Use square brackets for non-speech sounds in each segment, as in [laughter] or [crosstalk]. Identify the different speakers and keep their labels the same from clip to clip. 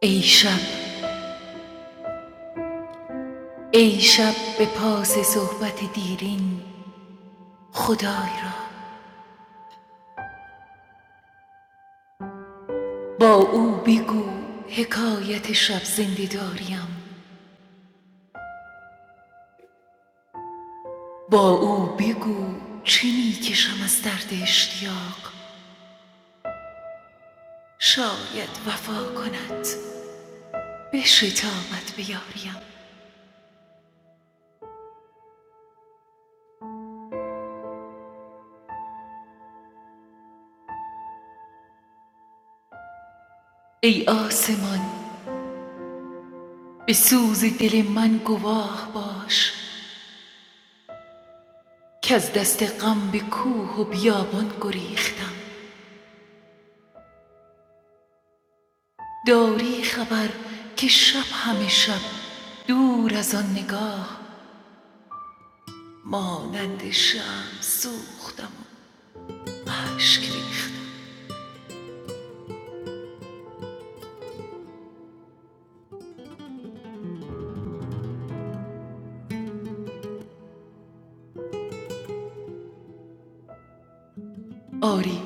Speaker 1: ای شب ای شب به پاس صحبت دیرین خدای را با او بگو حکایت شب زنده داریم با او بگو چه میکشم از درد اشتیاق شاید وفا کند به شتابت بیاریم ای آسمان به سوز دل من گواه باش که از دست غم به کوه و بیابان گریختم داری خبر که شب همه شب دور از آن نگاه مانند شم سوختم و اشک ریختم آری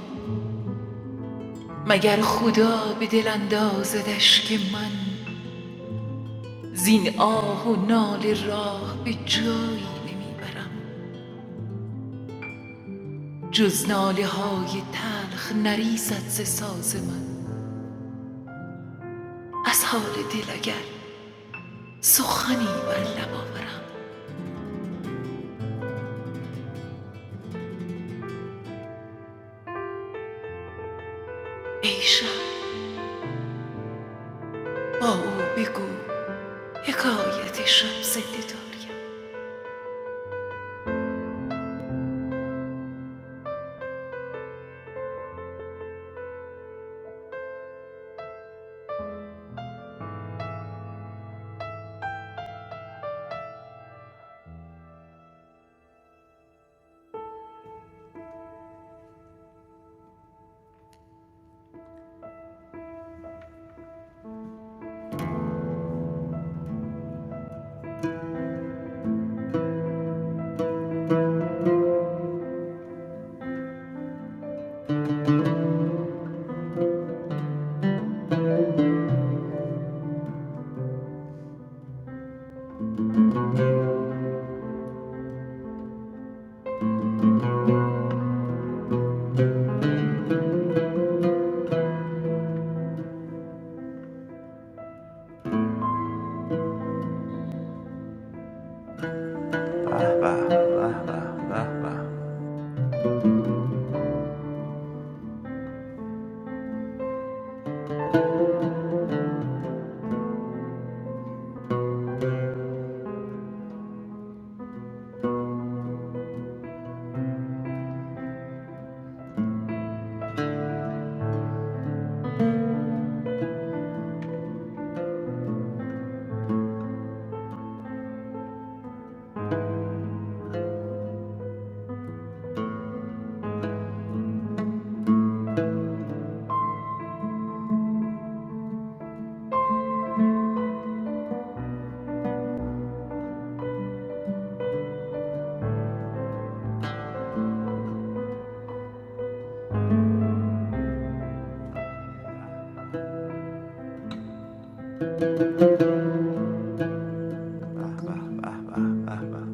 Speaker 1: مگر خدا به دل اندازدش که من زین آه و ناله راه به جایی نمیبرم جز ناله های تلخ نریزد ز ساز من از حال دل اگر سخنی بر لب آورم ای شب با او بگو حکایت شب زنده داریم
Speaker 2: به به به به به به به به به به به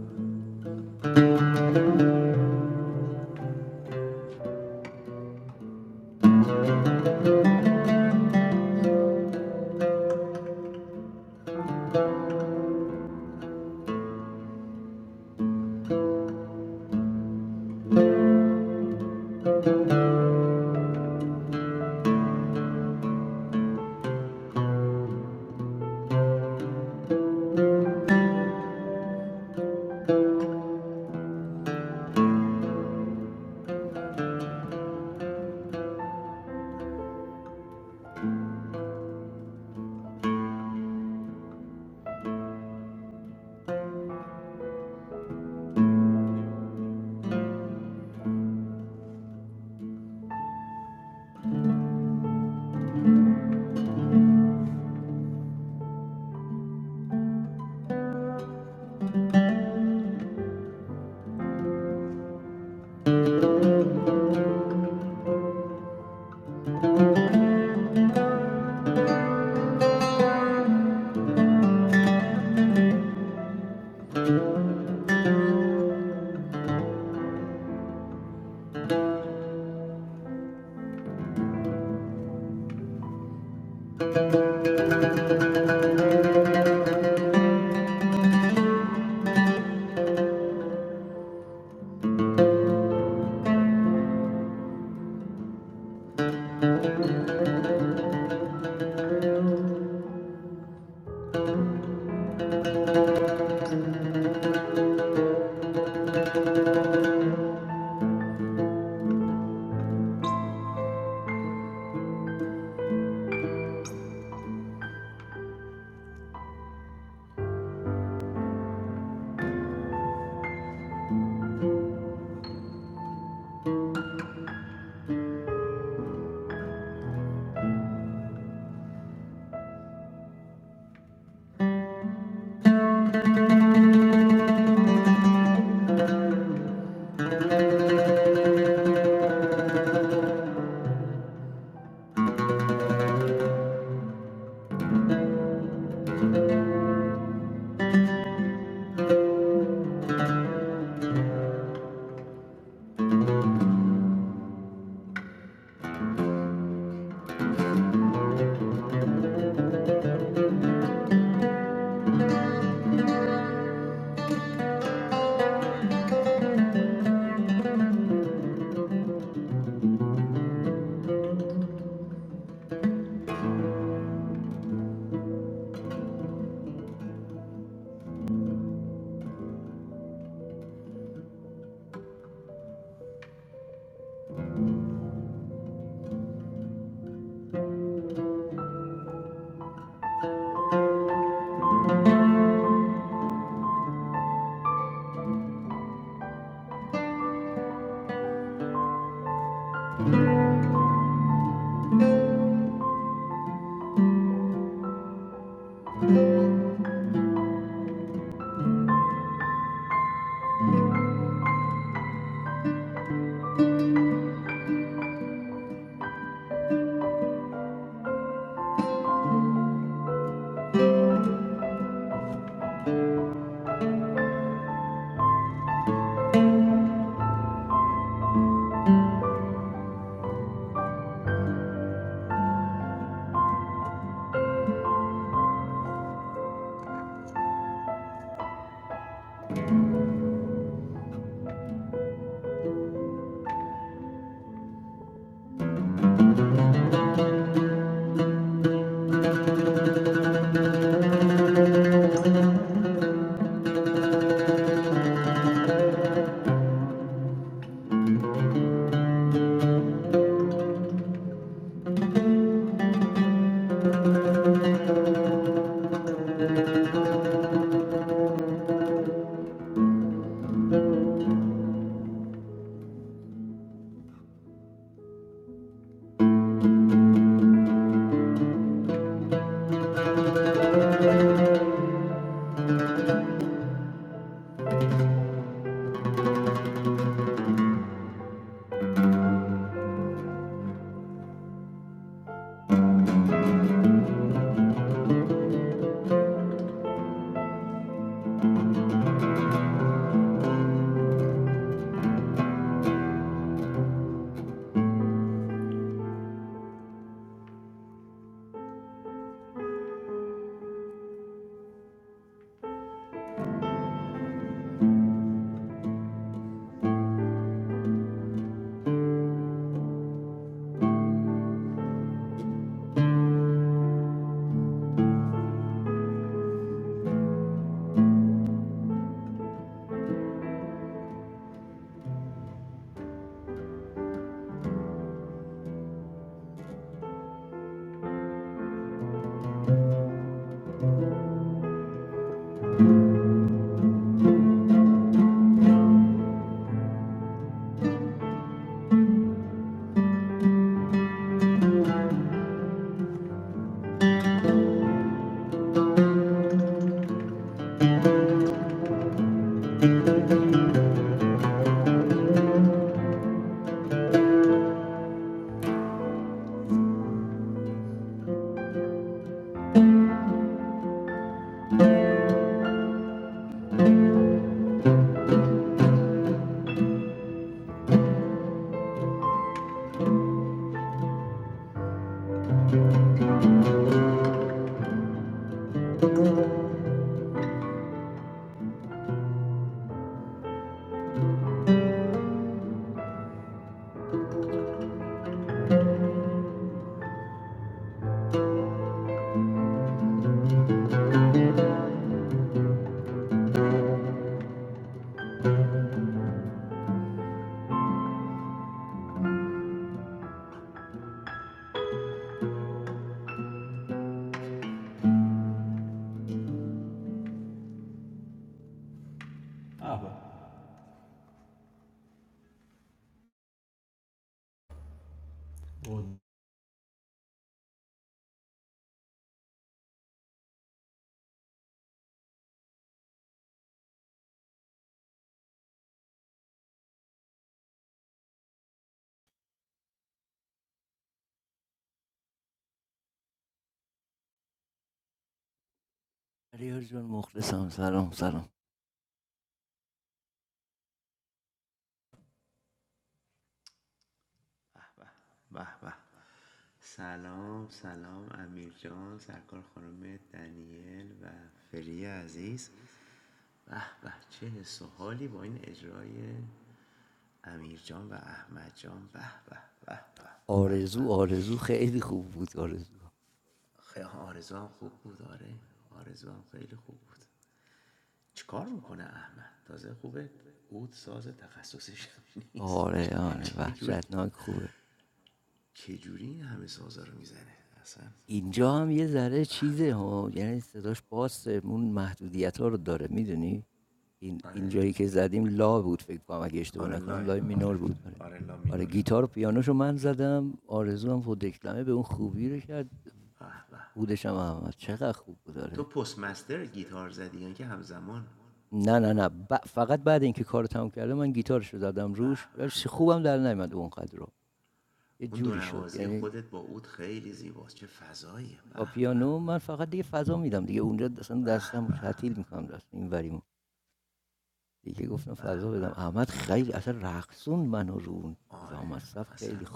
Speaker 2: به به به سلام سلام امیر جان سرکار خانم دنیل و فری عزیز به به چه حس و حالی با این اجرای امیر جان و احمد جان به به به به به به خیلی آرزوام خوب بود آره آرزو خیلی خوب بود چیکار میکنه احمد تازه خوبه اود ساز تخصصیش هم [laughs] نیست چجوری چجوری این همه سازا رو میزنه اصلا آره آره لاه آره آره لا مینوره به به تو پست مستر گیتار زدی یعنی که همزمان به به اون دو نوازی خودت با اود خیلی زیباست چه فضاییه به به به به به به آره اصلا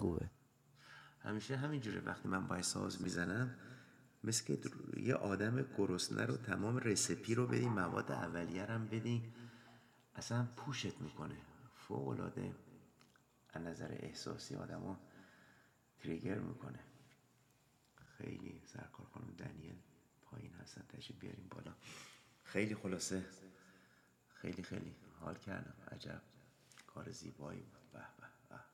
Speaker 2: همیشه همینجوره وقتی من باید ساز میزنم مثل که یه آدم گرسنه رو تمام رسپی رو بدین مواد اولیه رو هم بدین اصلا پوشت میکنه فوق العاده از نظر احساسی آدمو تریگر میکنه خیلی سرکار خانم دنیل پایین هستن تشریف بیاریم بالا خیلی خلاصه خیلی خیلی حال کردم عجب کار زیبایی بود به به به به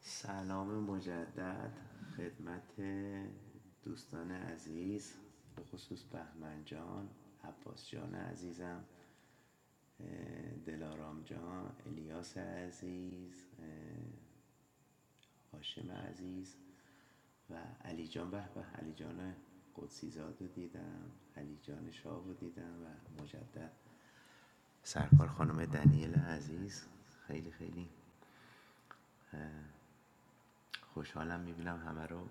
Speaker 2: سلام مجدد خدمت دوستان عزیز به خصوص بهمن جان عباس جان عزیزم دلارام جان الیاس عزیز اه، هاشم عزیز و علی جان به به علی جان قدسی زاد رو دیدم علی جان شاه رو دیدم و مجدد سرکار خانم دنیل عزیز خیلی خیلی خوشحالم میبینم همه رو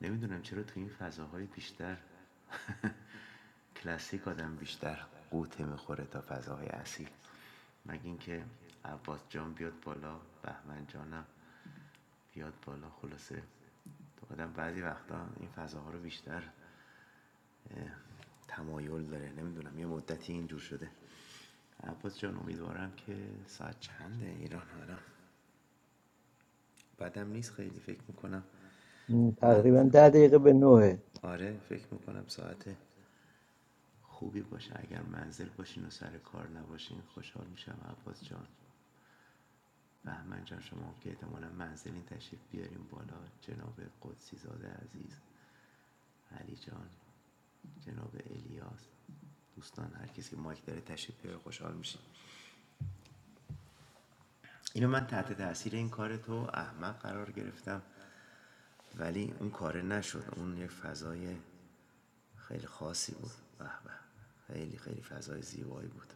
Speaker 2: نمیدونم چرا تو این فضاهای بیشتر [laughs] کلاسیک آدم بیشتر قوطه میخوره تا فضاهای اصیل مگه اینکه عباس جان بیاد بالا بهمن جانم بیاد بالا خلاصه تو آدم بعضی وقتا این فضاها رو بیشتر تمایل داره نمیدونم یه مدتی اینجور شده عباس جان امیدوارم که ساعت چنده ایران حالا بعدم نیست خیلی فکر میکنم
Speaker 3: م، تقریبا
Speaker 2: من
Speaker 3: ده دقیقه به نوه
Speaker 2: آره فکر میکنم ساعت خوبی باشه اگر منزل باشین و سر کار نباشین خوشحال میشم عباس جان بهمن جان شما هم که احتمالا منزلین تشریف بیاریم بالا جناب قدسی زاده عزیز علی جان جناب الیاس دوستان هر کسی که مایک داره تشریف بیاره خوشحال میشیم اینو من تحت تاثیر این کار تو احمق قرار گرفتم ولی اون کار نشد اون یک فضای خیلی خاصی بود به به خیلی خیلی فضای زیبایی بود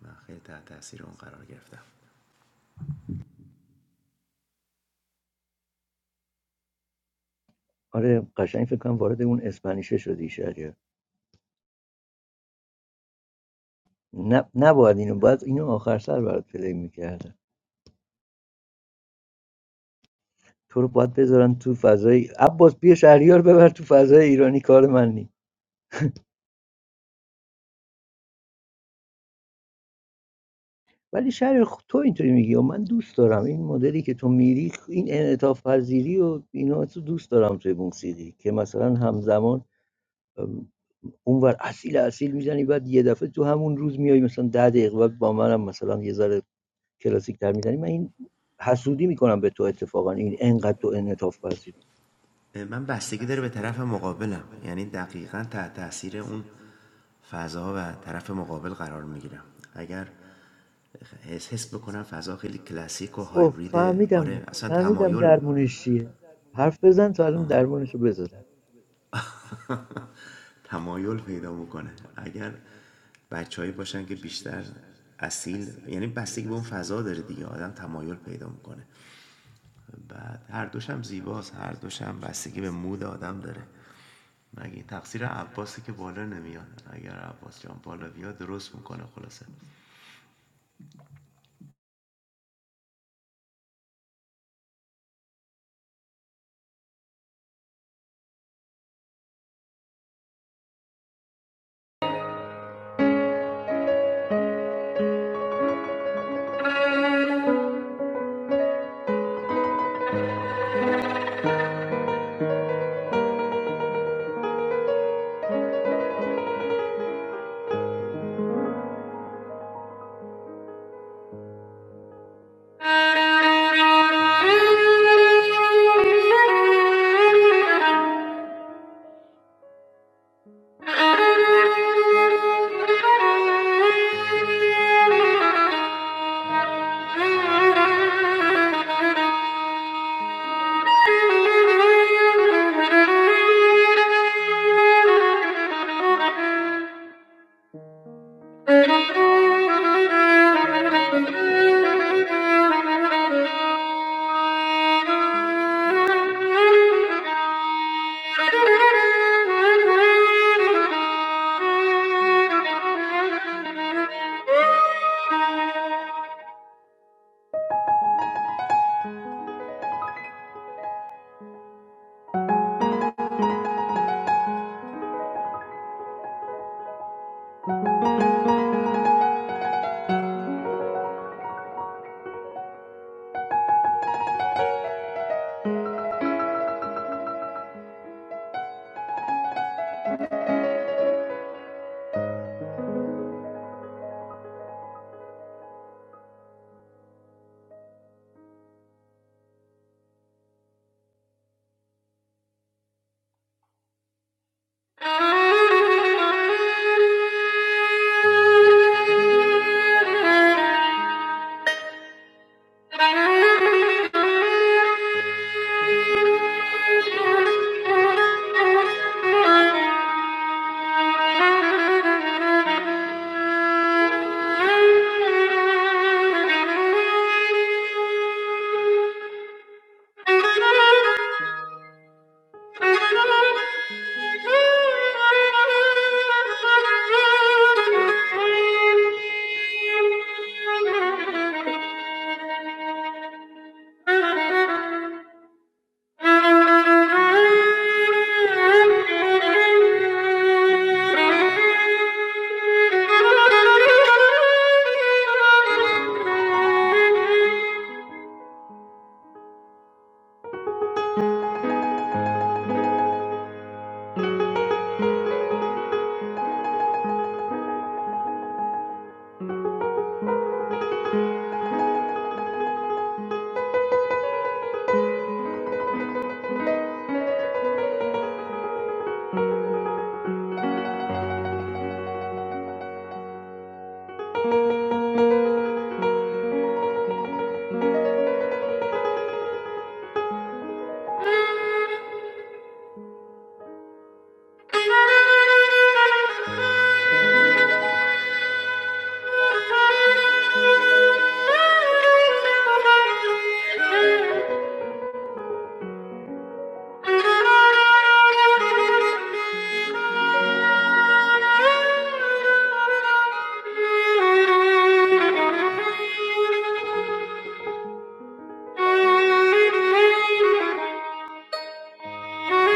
Speaker 2: من خیلی تحت تاثیر اون قرار گرفتم
Speaker 3: آره قشنگ فکر کنم وارد اون اسپانیشه شدی شریعه نه نباید اینو باید اینو آخر سر برات پلی میکردن تو رو باید بذارن تو فضای عباس بیا شهریار ببر تو فضای ایرانی کار من نی ولی شهریار خ- تو اینطوری میگی و من دوست دارم این مدلی که تو میری این انعطاف پذیری و اینا تو دوست دارم توی موسیقی که مثلا همزمان ام، اونور اصیل اصیل میزنی بعد یه دفعه تو همون روز میای مثلا ده دقیقه بعد با منم مثلا یه ذره کلاسیک‌تر میزنی من این حسودی میکنم به تو اتفاقا این انقدر تو انعطاف پذیری
Speaker 2: من بستگی داره به طرف مقابلم یعنی دقیقاً تحت تاثیر اون فضا و طرف مقابل قرار میگیرم اگر حس حس بکنم فضا خیلی کلاسیک و
Speaker 3: اوه
Speaker 2: هایبریده
Speaker 3: فهمیدم
Speaker 2: آره اصلا
Speaker 3: فهمیدم
Speaker 2: تمایل
Speaker 3: درمونش چیه حرف بزن تا الان
Speaker 2: آها
Speaker 3: درمونش رو بزنم
Speaker 2: [laughs] تمایل پیدا میکنه اگر بچههایی باشن که بیشتر اصیل یعنی بستگی به اون فضا داره دیگه آدم تمایل پیدا میکنه بعد هر دوشم زیباست هر دوشم بستگی به مود آدم داره مگه تقصیر عباسه که بالا نمیاد اگر عباس جان بالا بیاد درست میکنه خلاصه
Speaker 1: Thank you.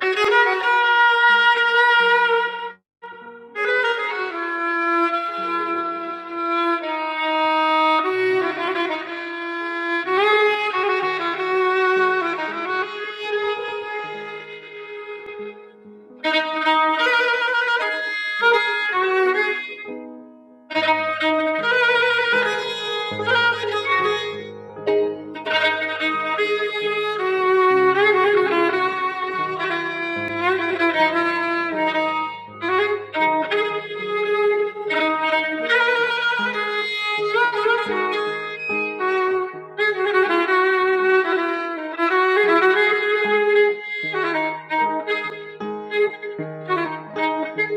Speaker 1: Thank you. Thank you.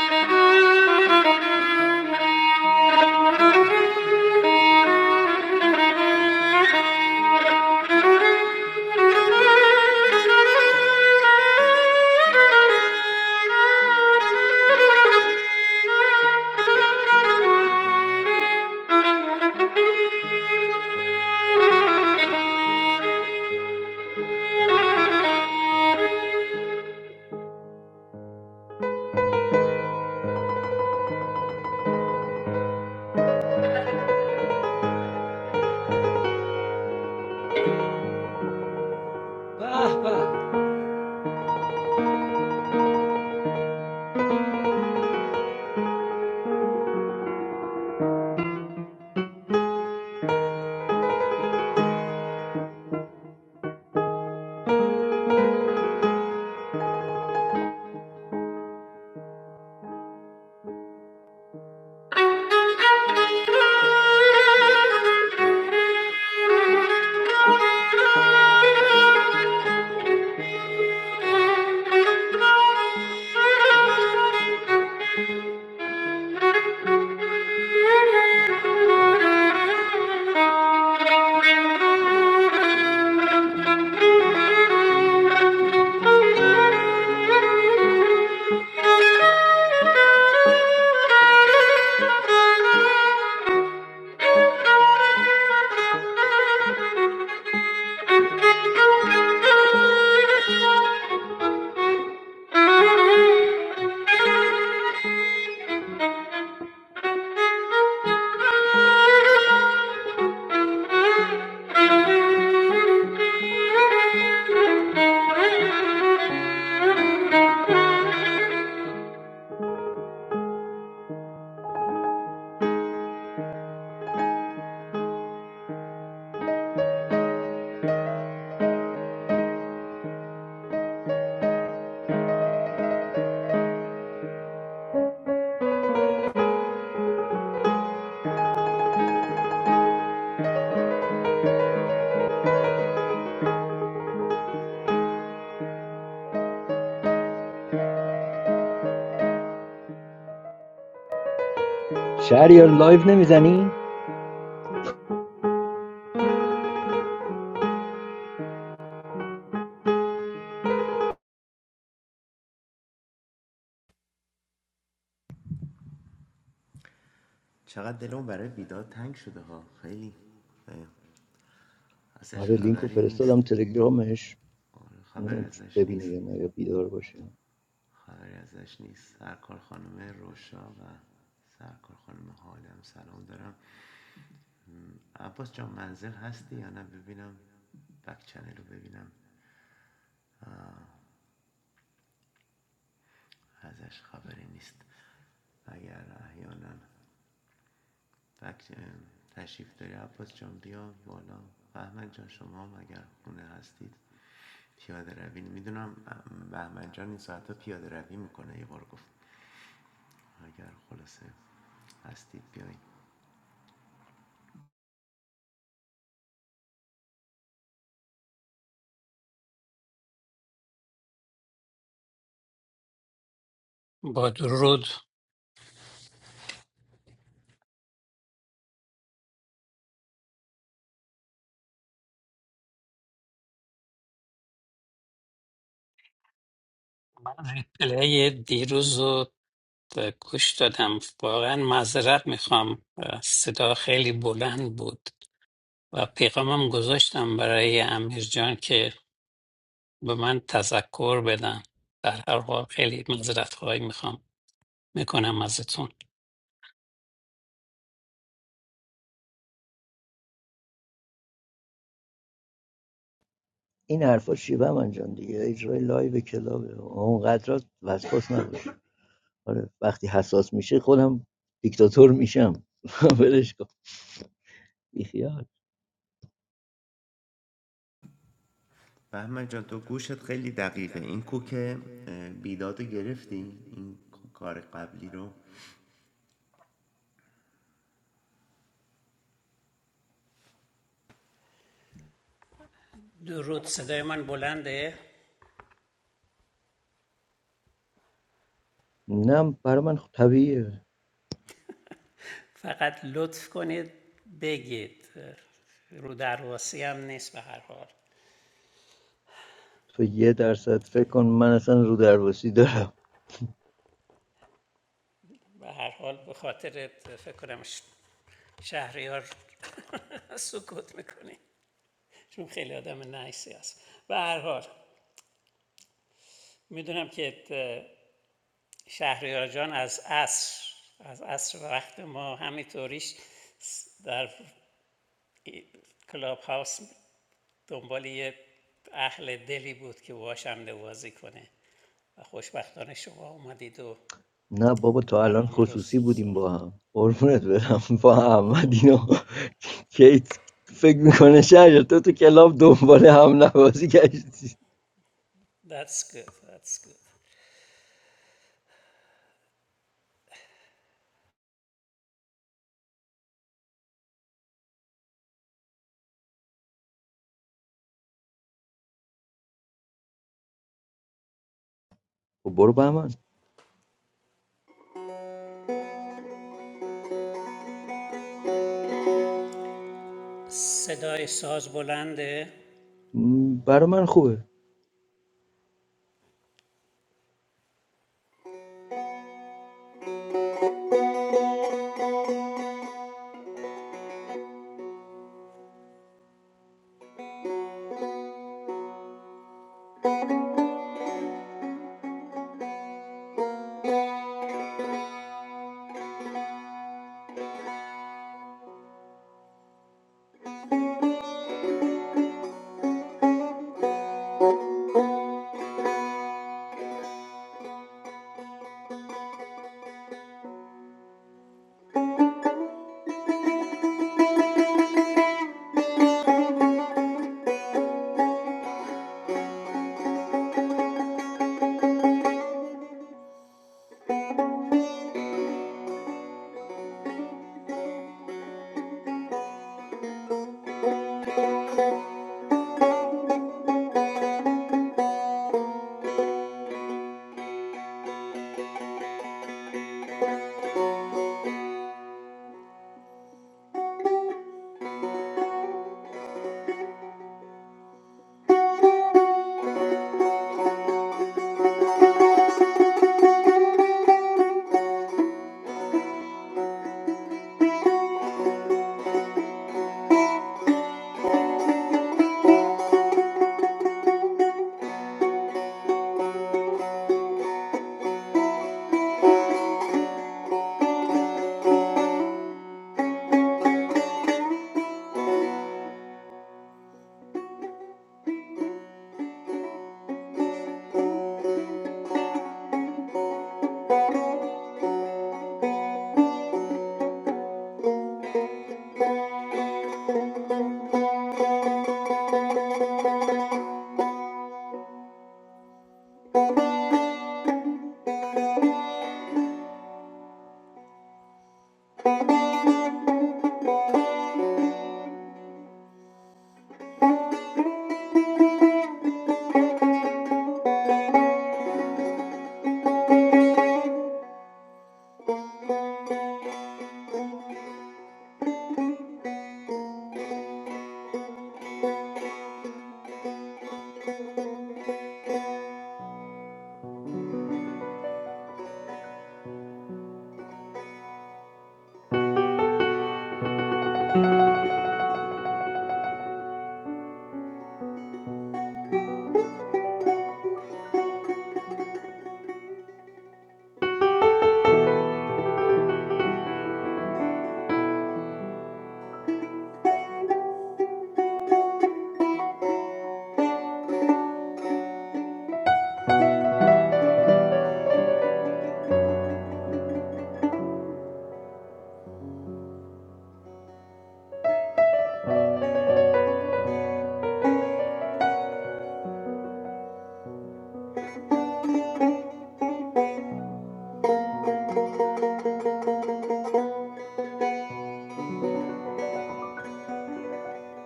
Speaker 1: Thank you.
Speaker 3: شهریار لایو نمیزنی
Speaker 2: چقدر دلم برای بیداد تنگ شده ها خیلی ازش
Speaker 3: آره لینکو
Speaker 2: خبری نیست
Speaker 3: فرستادم تلگرامش
Speaker 2: آره، خبری
Speaker 3: اونو
Speaker 2: ازش
Speaker 3: ببینه
Speaker 2: نیست
Speaker 3: یا نه یا بیدار باشه
Speaker 2: خبری ازش نیست سرکار خانم روشا و سرکار خانم حالم سلام دارم عباس جان منزل هستی یا نه ببینم بک چنل رو ببینم ازش خبری نیست اگر احیانا فکت ام، تشریف داری عباس جان بیا بالا بهمن جان شما هم اگر خونه هستید پیاده روی میدونم بهمن جان این ساعت پیاده روی میکنه یه بار گفت اگر خلاصه هستید بیاین
Speaker 4: با درود من ریپلی دیروز رو گوش دادم واقعا معذرت میخوام صدا خیلی بلند بود و پیغامم گذاشتم برای امیر جان که به من تذکر بدن در هر حال خیلی معذرت خواهی میخوام میکنم ازتون
Speaker 3: این حرفا چیه من جان دیگه اجرای لایو کلابه اونقدر وسواس نباش آره وقتی حساس میشه خودم دیکتاتور میشم [laughs] ولش کن بیخیال
Speaker 2: بهمن جان تو گوشت خیلی دقیقه این کوک اه، بیداد رو گرفتی این کار قبلی رو
Speaker 4: درود صدای من بلنده
Speaker 3: نه برای من خب طبیعیه
Speaker 4: فقط لطف کنید بگید رو در واسی هم نیست به هر حال
Speaker 3: تو یه درصد فکر کن من اصلا رو درواسی دارم
Speaker 4: به هر حال به خاطر فکر کنم شهریار [laughs] سکوت میکنی چون خیلی آدم نایسی است به هر حال میدونم که شهریار جان از عصر از عصر وقت ما همینطوریش در ای- کلاب هاوس دنبال یه اهل دلی بود که باهاش هم نوازی کنه و خوشبختانه شما اومدید و
Speaker 3: نه بابا تا الان
Speaker 4: برنامه رو
Speaker 3: خصوصی
Speaker 4: س-
Speaker 3: بودیم با هم قربونت برم با هم و
Speaker 4: خب
Speaker 3: کیت فکر میکنه شهر تو تو کلاب دنبال هم نوازی گشتی
Speaker 4: that's good that's good
Speaker 3: خب برو بهمن
Speaker 4: صدای ساز بلنده
Speaker 3: م، برا من خوبه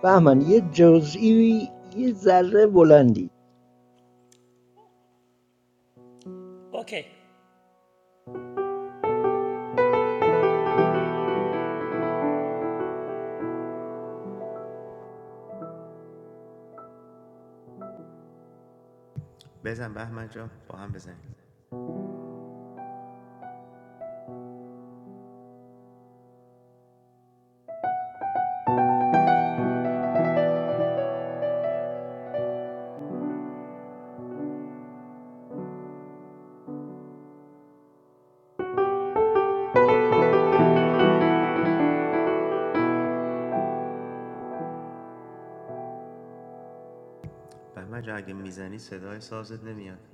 Speaker 3: بهمن یه جزئی یه ذره بلندی
Speaker 4: اوکی
Speaker 2: بزن بهمن جان با هم بزنیم بهمن جان اگه میزنی صدای سازت نمیاد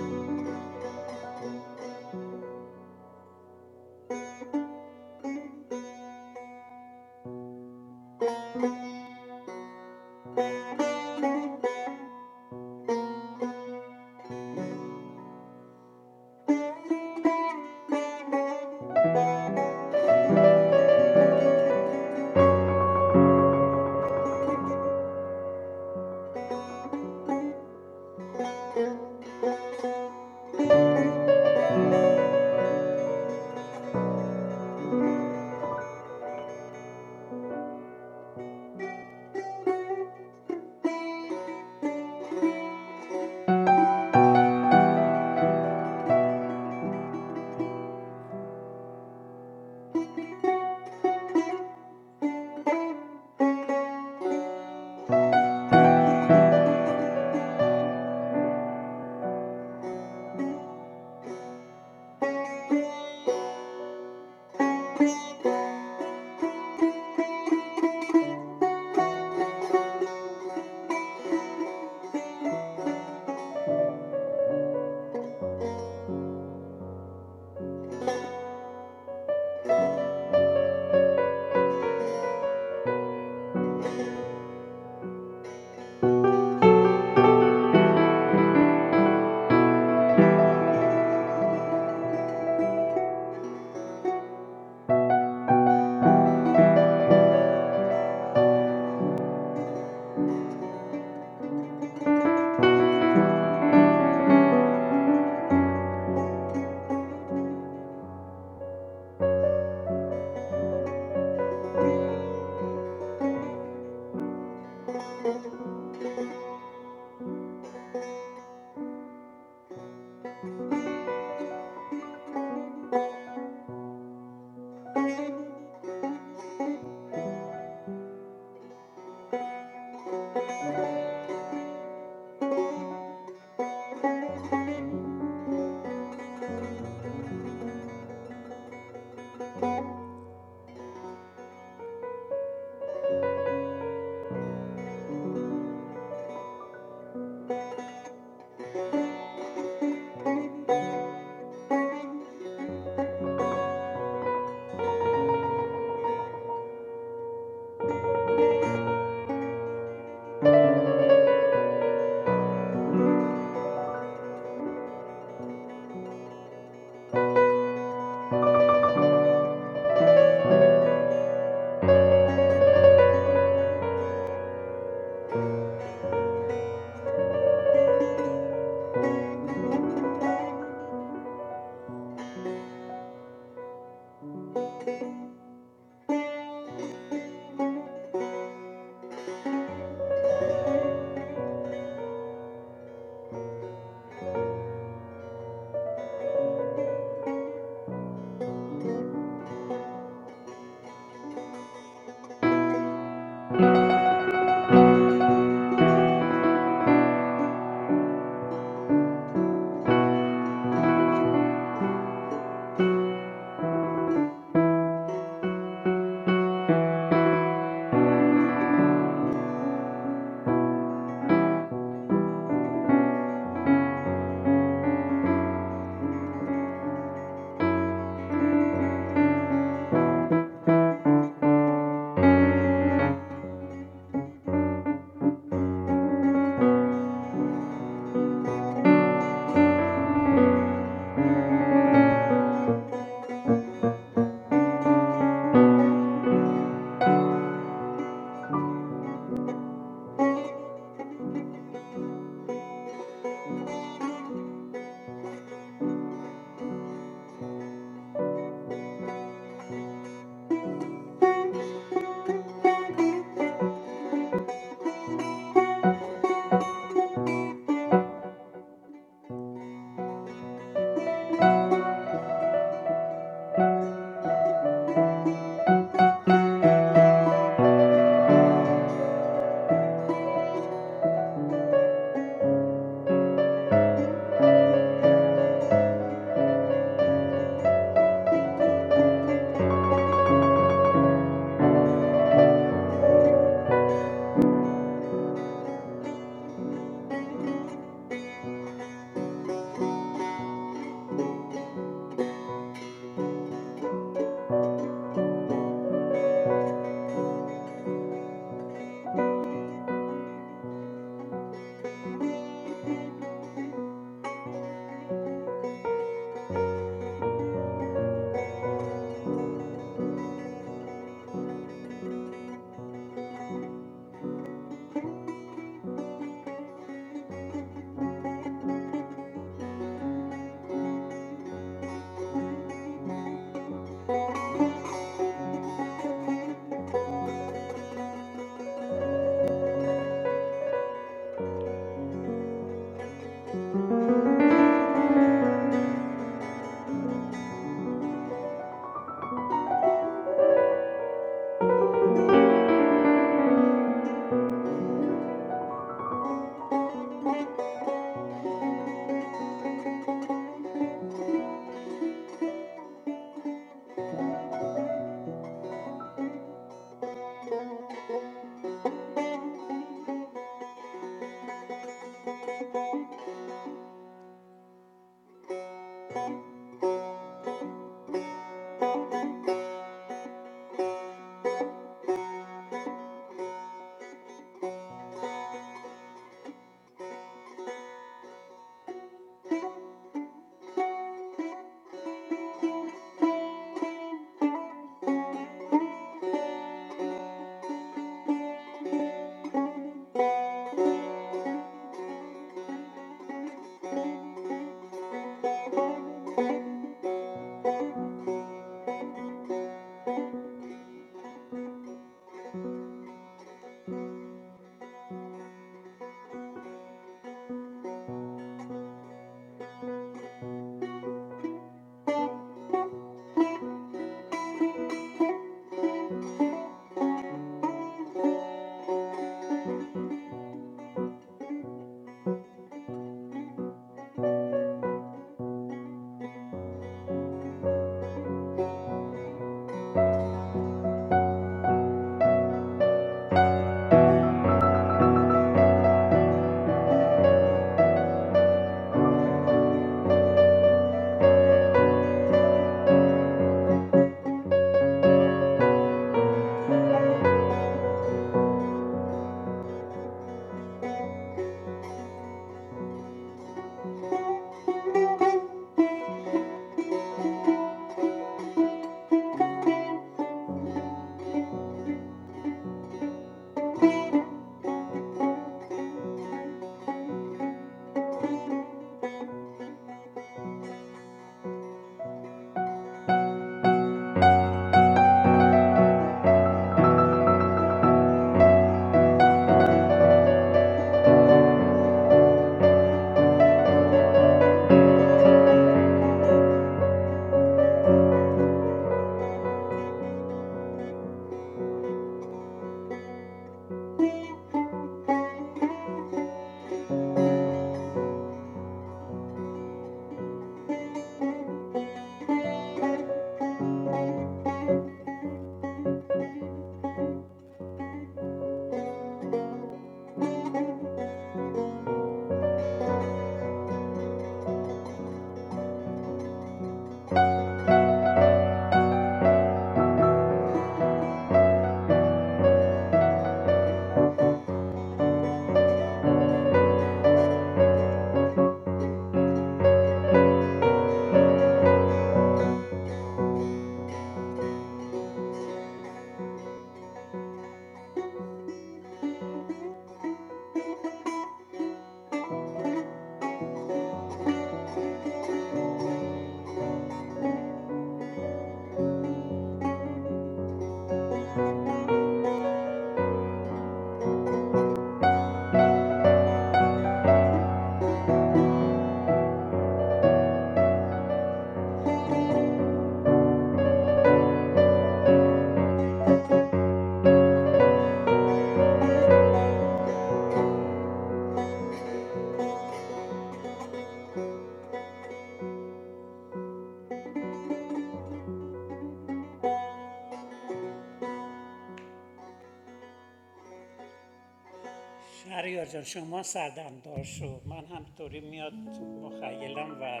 Speaker 4: شهریار جان شما سردمدار شو من همطوری میاد تو مخیلم و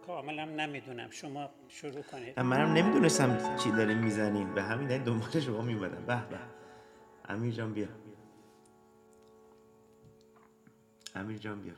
Speaker 4: کاملا نمیدونم شما شروع کنید
Speaker 2: و منم
Speaker 4: من در پر...
Speaker 2: نمیدونستم چی داریم میزنین به همین دلیل دنبال شما میومدم به به امیر جان بیا امیر جان بیا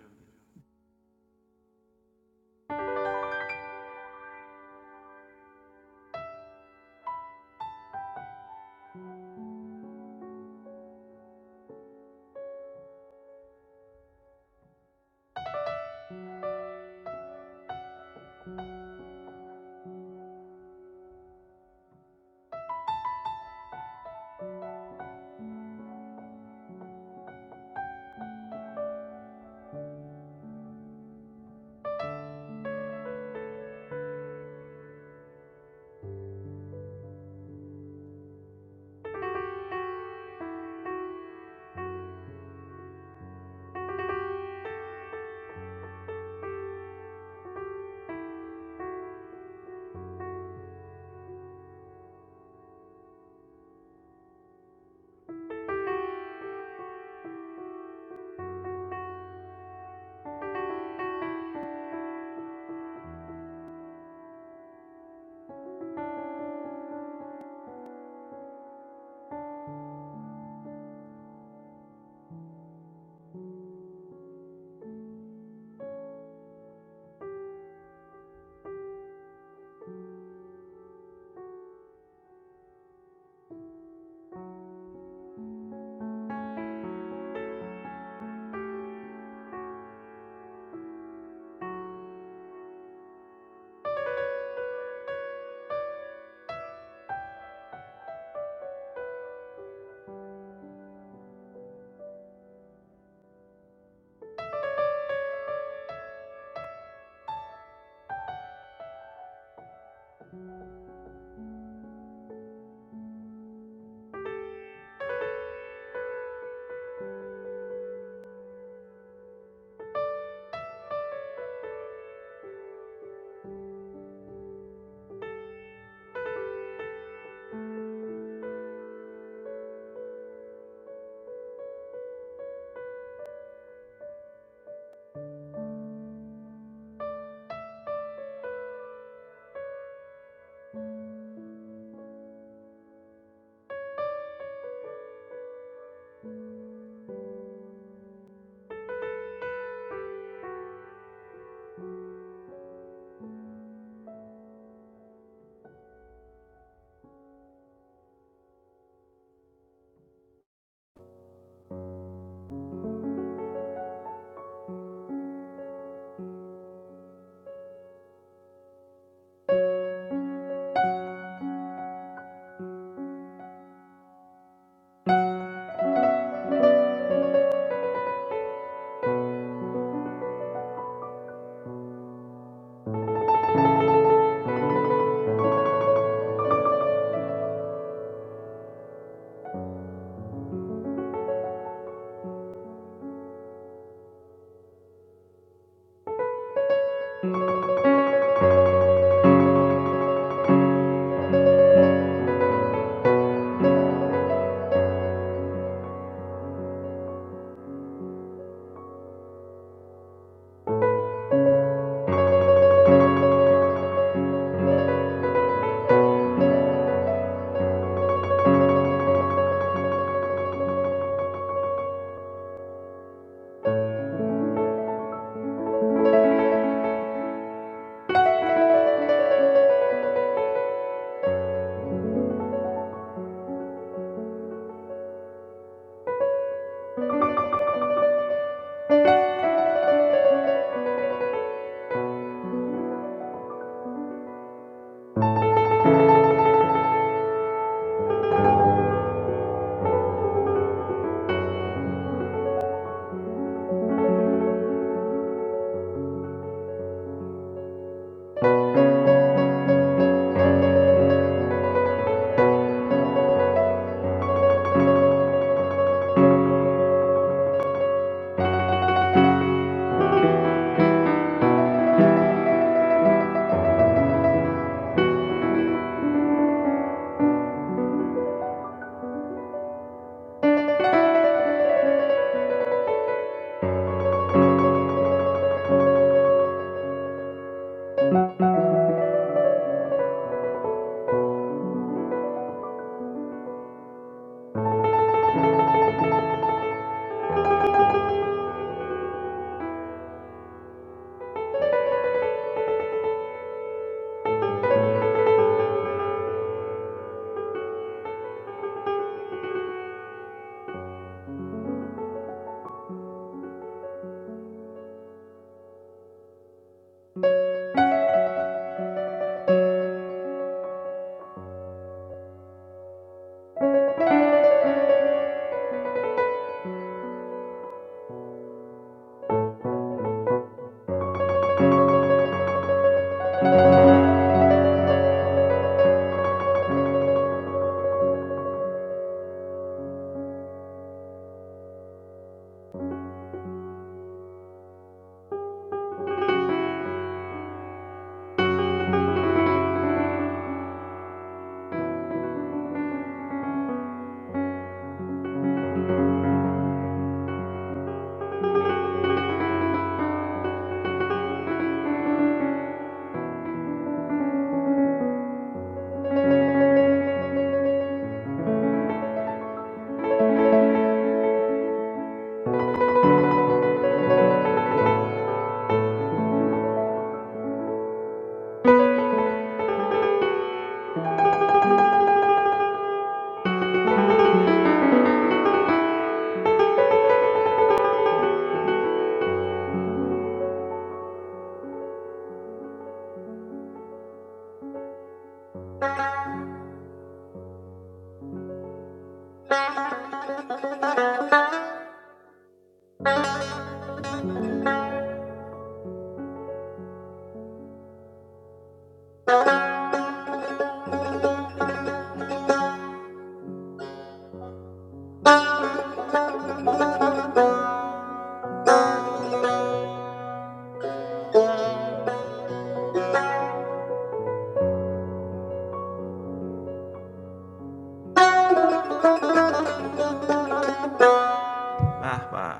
Speaker 2: به به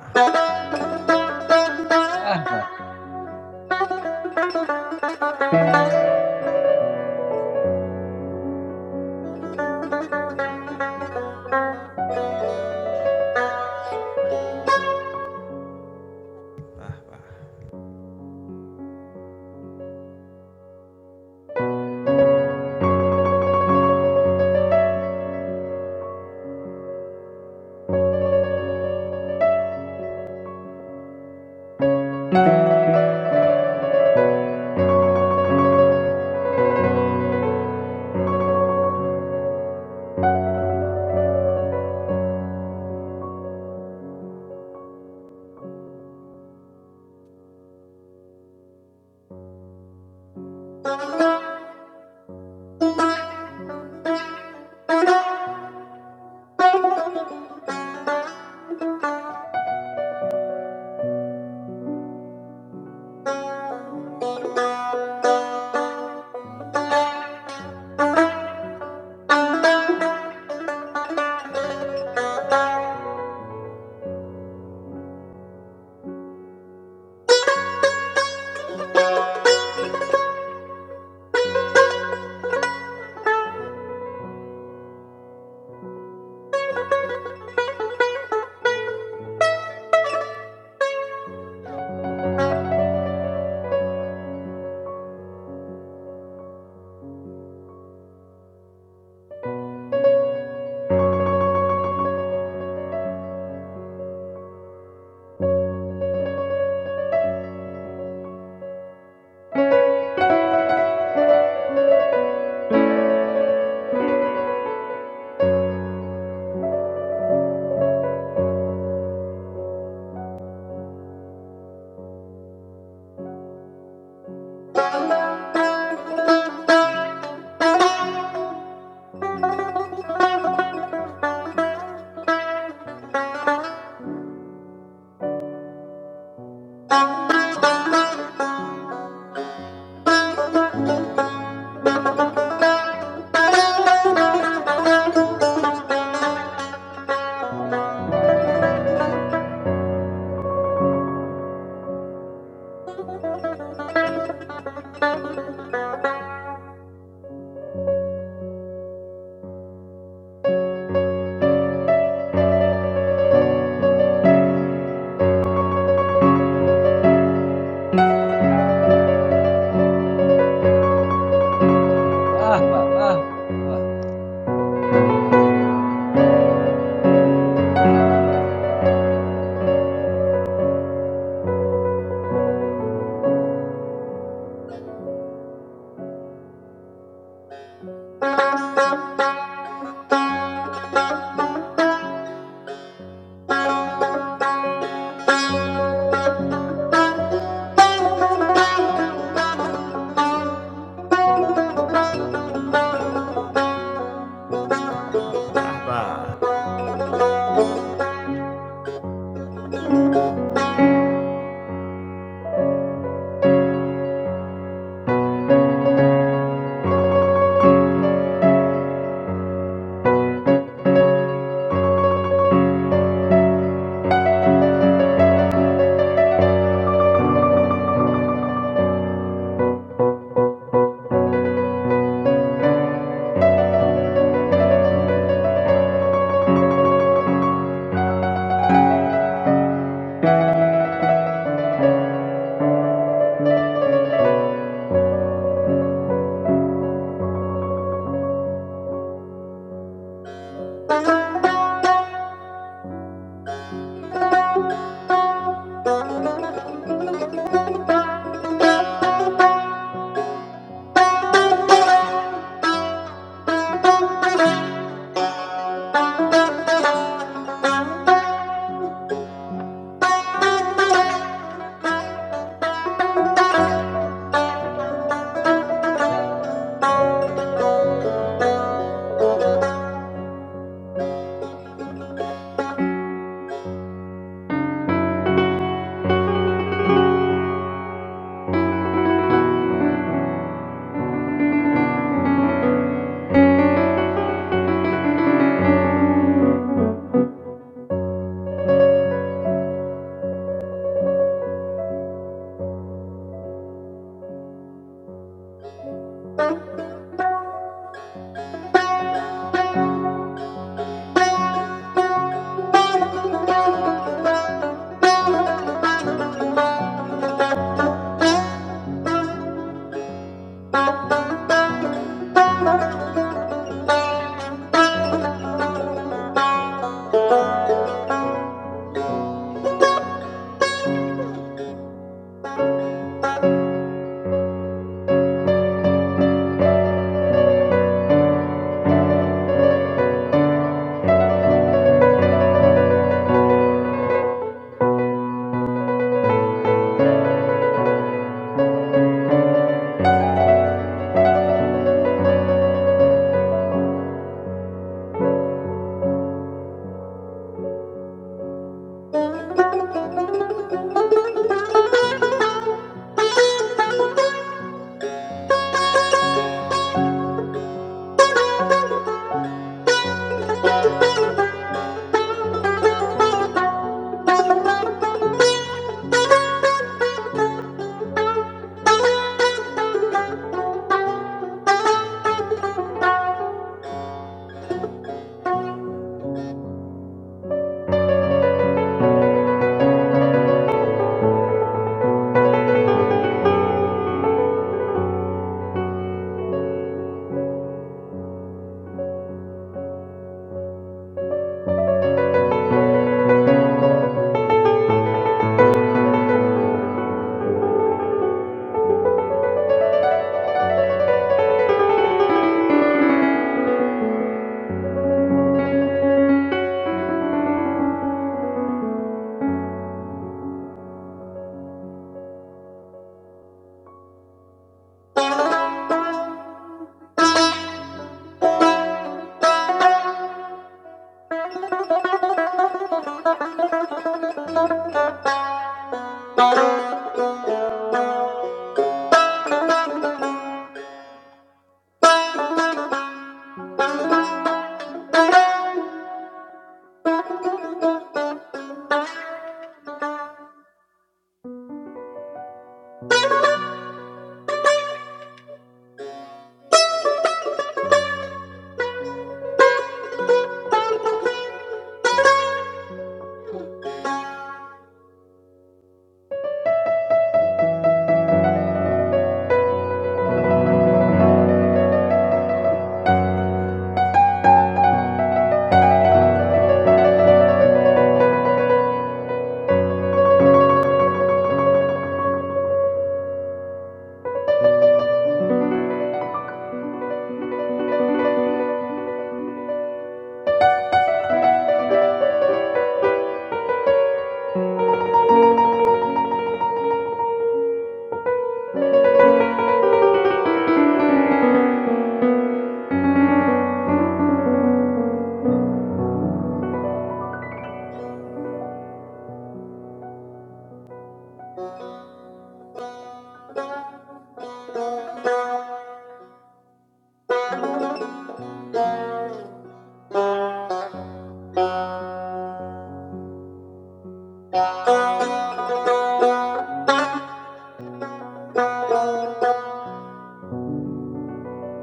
Speaker 3: به به به به به به.
Speaker 2: به به به به به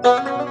Speaker 5: Thank you.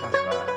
Speaker 2: به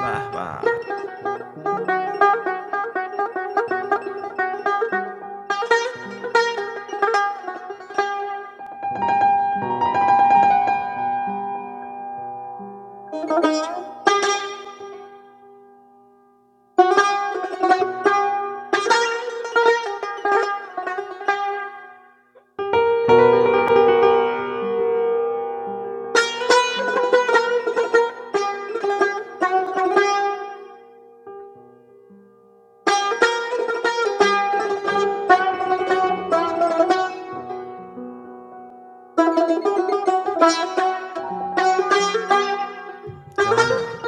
Speaker 2: به به به جانم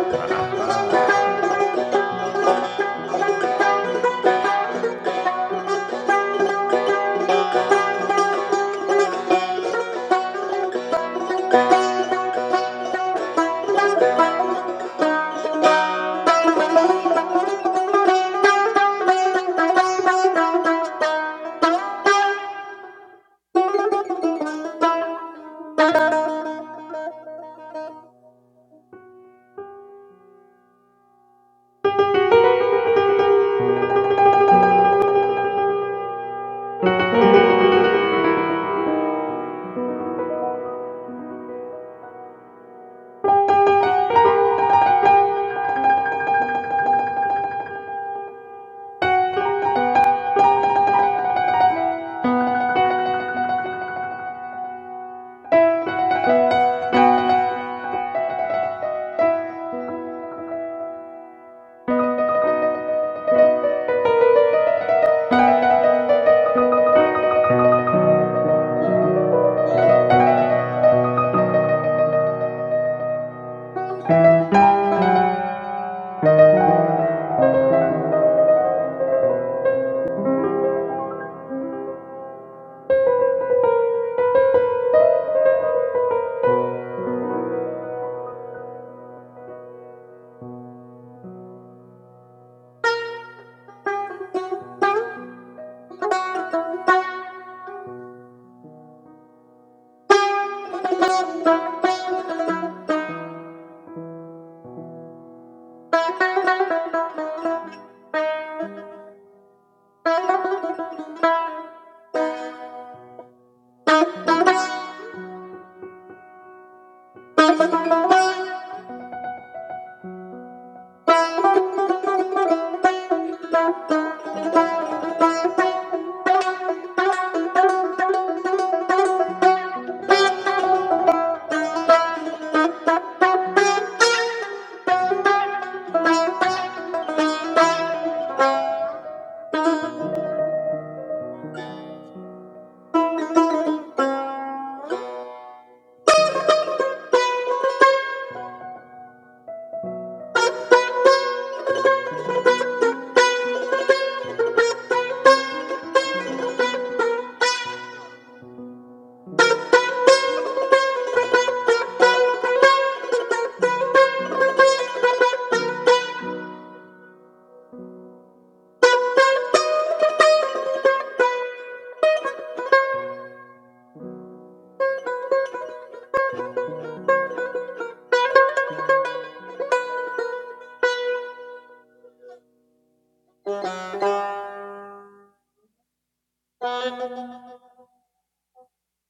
Speaker 2: به به به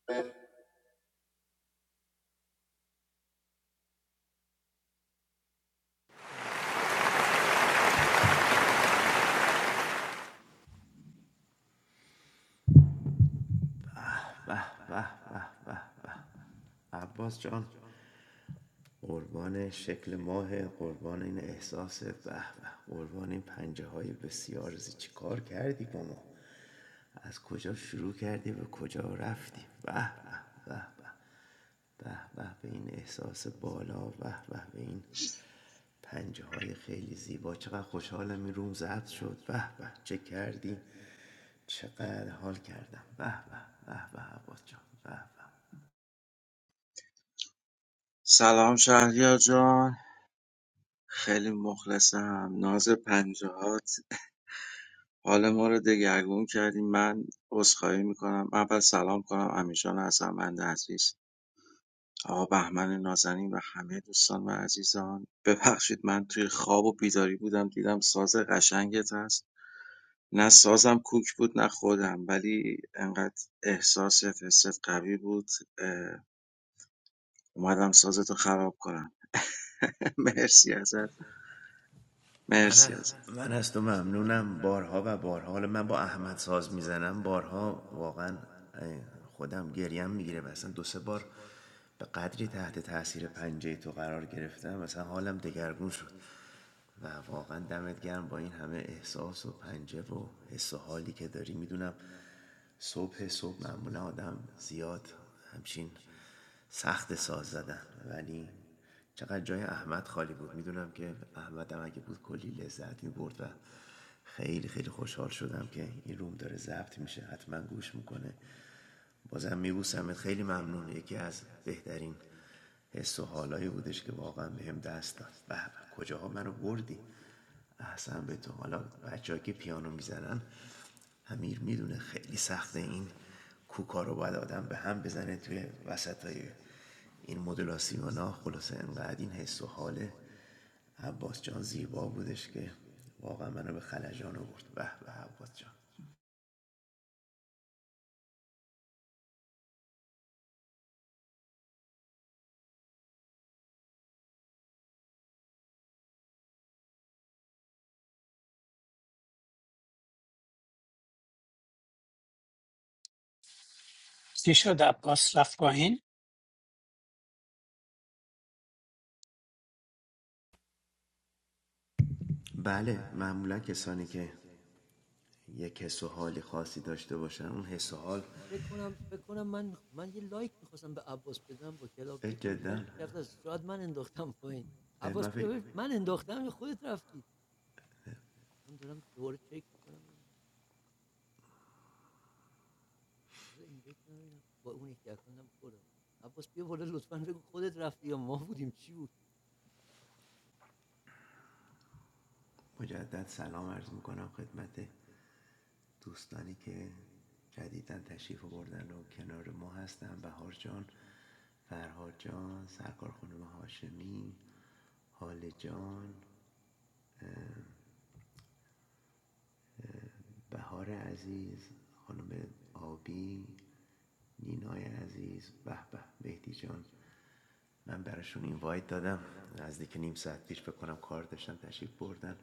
Speaker 5: Thank you.
Speaker 2: به به عباس جان قربان شکل ماه قربان این احساس به به قربان این پنجه های بسیار زی چی کار کردی با ما از کجا شروع کردیم و کجا رفتیم به به به به به به این احساس بالا به به به این پنجه های خیلی زیبا چقدر خوشحالم این روم ضبط شد به به چه کردیم چقدر حال کردم به به به به عباس جان به به
Speaker 5: سلام شهریار جان خیلی مخلصم ناز پنجاهات حال ما رو دگرگون کردیم من عذرخواهی میکنم اول سلام کنم امیرجان ارجمند عزیز آقا بهمن نازنین و همه دوستان و عزیزان ببخشید من توی خواب و بیداری بودم دیدم ساز قشنگت هست نه سازم کوک بود نه خودم ولی انقدر احساس فست قوی بود اه، اومدم سازتو خراب کنم [laughs] مرسی ازت
Speaker 2: من,
Speaker 5: مرسی ازت
Speaker 2: من از تو ممنونم بارها و بارها من با احمد ساز میزنم بارها واقعا خودم گریم میگیره مثلا دو سه بار به قدری تحت تاثیر پنجه تو قرار گرفتم مثلا حالم دگرگون شد و واقعا دمت گرم با این همه احساس و پنجه و حس و حالی که داری میدونم صبح صبح معمولا آدم زیاد همچین سخت ساز زدن ولی چقدر جای احمد خالی بود میدونم که احمد هم اگه بود کلی لذت میبرد و خیلی خیلی خوشحال شدم که این روم داره ضبط میشه حتما گوش میکنه بازم میبوسمت خیلی ممنون یکی از بهترین حس و حالایی بودش که واقعا بهم دست داد به به، کجاها منو بردی احسن به تو حالا بچه که پیانو میزنن امیر میدونه خیلی سخته این کوکا رو باید آدم به هم بزنه توی وسط این مدولاسیونا خلاصه انقدر این حس و حاله عباس جان زیبا بودش که واقعا منو به خلجان آورد به به عباس جان
Speaker 4: چی شد عباس رفت پایین
Speaker 2: بله معمولا کسانی که یک حس و حالی خاصی داشته باشن اون حس و حال جدا من فکر مجدد سلام عرض میکنم خدمت دوستانی که جدیدا تشریف بردن و کنار ما هستن بهار جان فرهاد جان سرکار خانم هاشمی حال جان بهار عزیز خانم آبی نینای عزیز به به مهدی جان من براشون اینوایت دادم نزدیک نیم ساعت پیش بکنم کار داشتم تشریف بردن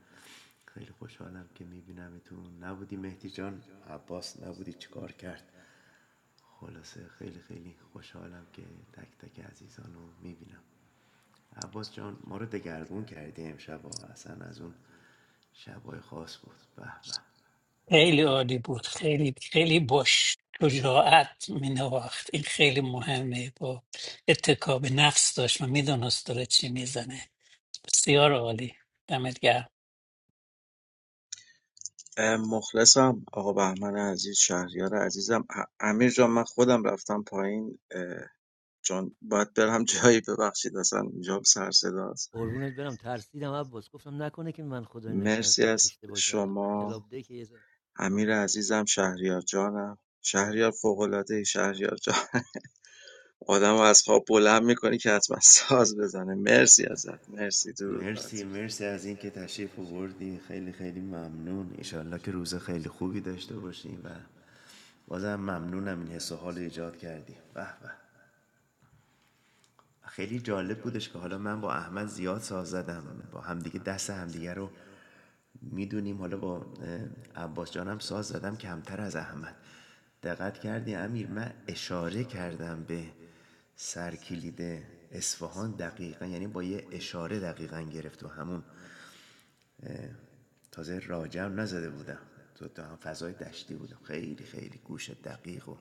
Speaker 2: خیلی خوشحالم که میبینمتون نبودی مهدی جان عباس نبودی چیکار کرد خلاصه خیلی خیلی خوشحالم که تک تک عزیزان میبینم عباس جان ما رو دگرگون کردی امشب ها. اصلا از اون شبای خاص بود به
Speaker 4: خیلی
Speaker 2: به
Speaker 4: عالی بود خیلی خیلی باش شجاعت می نواخت این خیلی مهمه با اتکاب نفس داشت و میدونست داره چی میزنه بسیار عالی دمت گرم
Speaker 5: مخلصم آقا بهمن عزیز شهریار عزیزم ا- امیر جان من خودم رفتم پایین اه، چون باید برم [laughs] جایی ببخشید اصلا اینجا سر صداست مرسی از شما امیر عزیزم شهریار جانم شهریار فوق‌العاده شهریار جان [laughs] آدم از خواب بلند میکنی که حتما ساز بزنه مرسی ازت مرسی درود بر تو.
Speaker 2: مرسی مرسی از اینکه تشریف آوردی خیلی خیلی ممنون ایشالله که روز خیلی خوبی داشته باشیم و بازم ممنونم این حس و حال ایجاد کردی به به خیلی جالب بودش که حالا من با احمد زیاد ساز زدم با همدیگه دست همدیگه رو میدونیم حالا با عباس جانم ساز زدم کمتر از احمد دقت کردی امیر من اشاره کردم به سرکلید اصفهان دقیقا یعنی با یه اشاره دقیقا گرفت و همون تازه راجع هم نزده بودم تو تا هم فضای دشتی بودم خیلی خیلی گوش دقیق و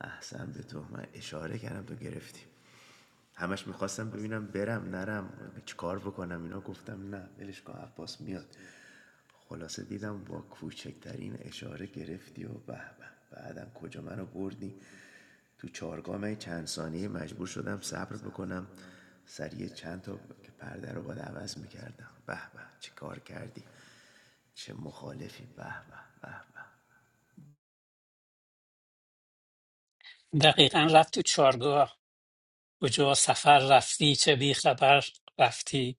Speaker 2: احسن به تو من اشاره کردم تو گرفتیم همش میخواستم ببینم برم نرم چیکار بکنم اینا گفتم نه ولش کن عباس میاد خلاصه دیدم با کوچکترین اشاره گرفتی و به به بعدم کجا منو بردی تو چارگاه من چند ثانیه مجبور شدم صبر بکنم سریع چند تا که پرده رو باید عوض میکردم به به چی کار کردی چه مخالفی به به به به
Speaker 4: دقیقا رفت تو چارگاه کجا سفر رفتی چه بی خبر رفتی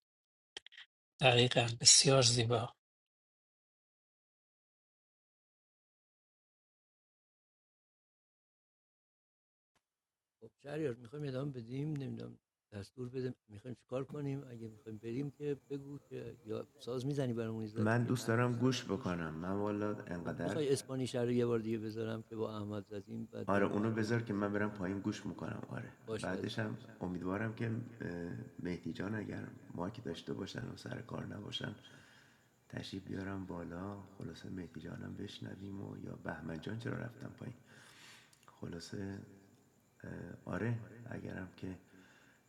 Speaker 4: دقیقا بسیار زیبا
Speaker 2: من دوست دارم گوش بکنم من والا انقدر آره اونو بذار که من برم پایین گوش میکنم آره بعدش هم امیدوارم که اه، مهدی جان اگر مایک داشته باشن و سر کار نباشن تشریف بیارم بالا خلاصه مهدی جانم بشنویم و یا بهمن جان چرا رفتم پایین خلاصه آره اگرم که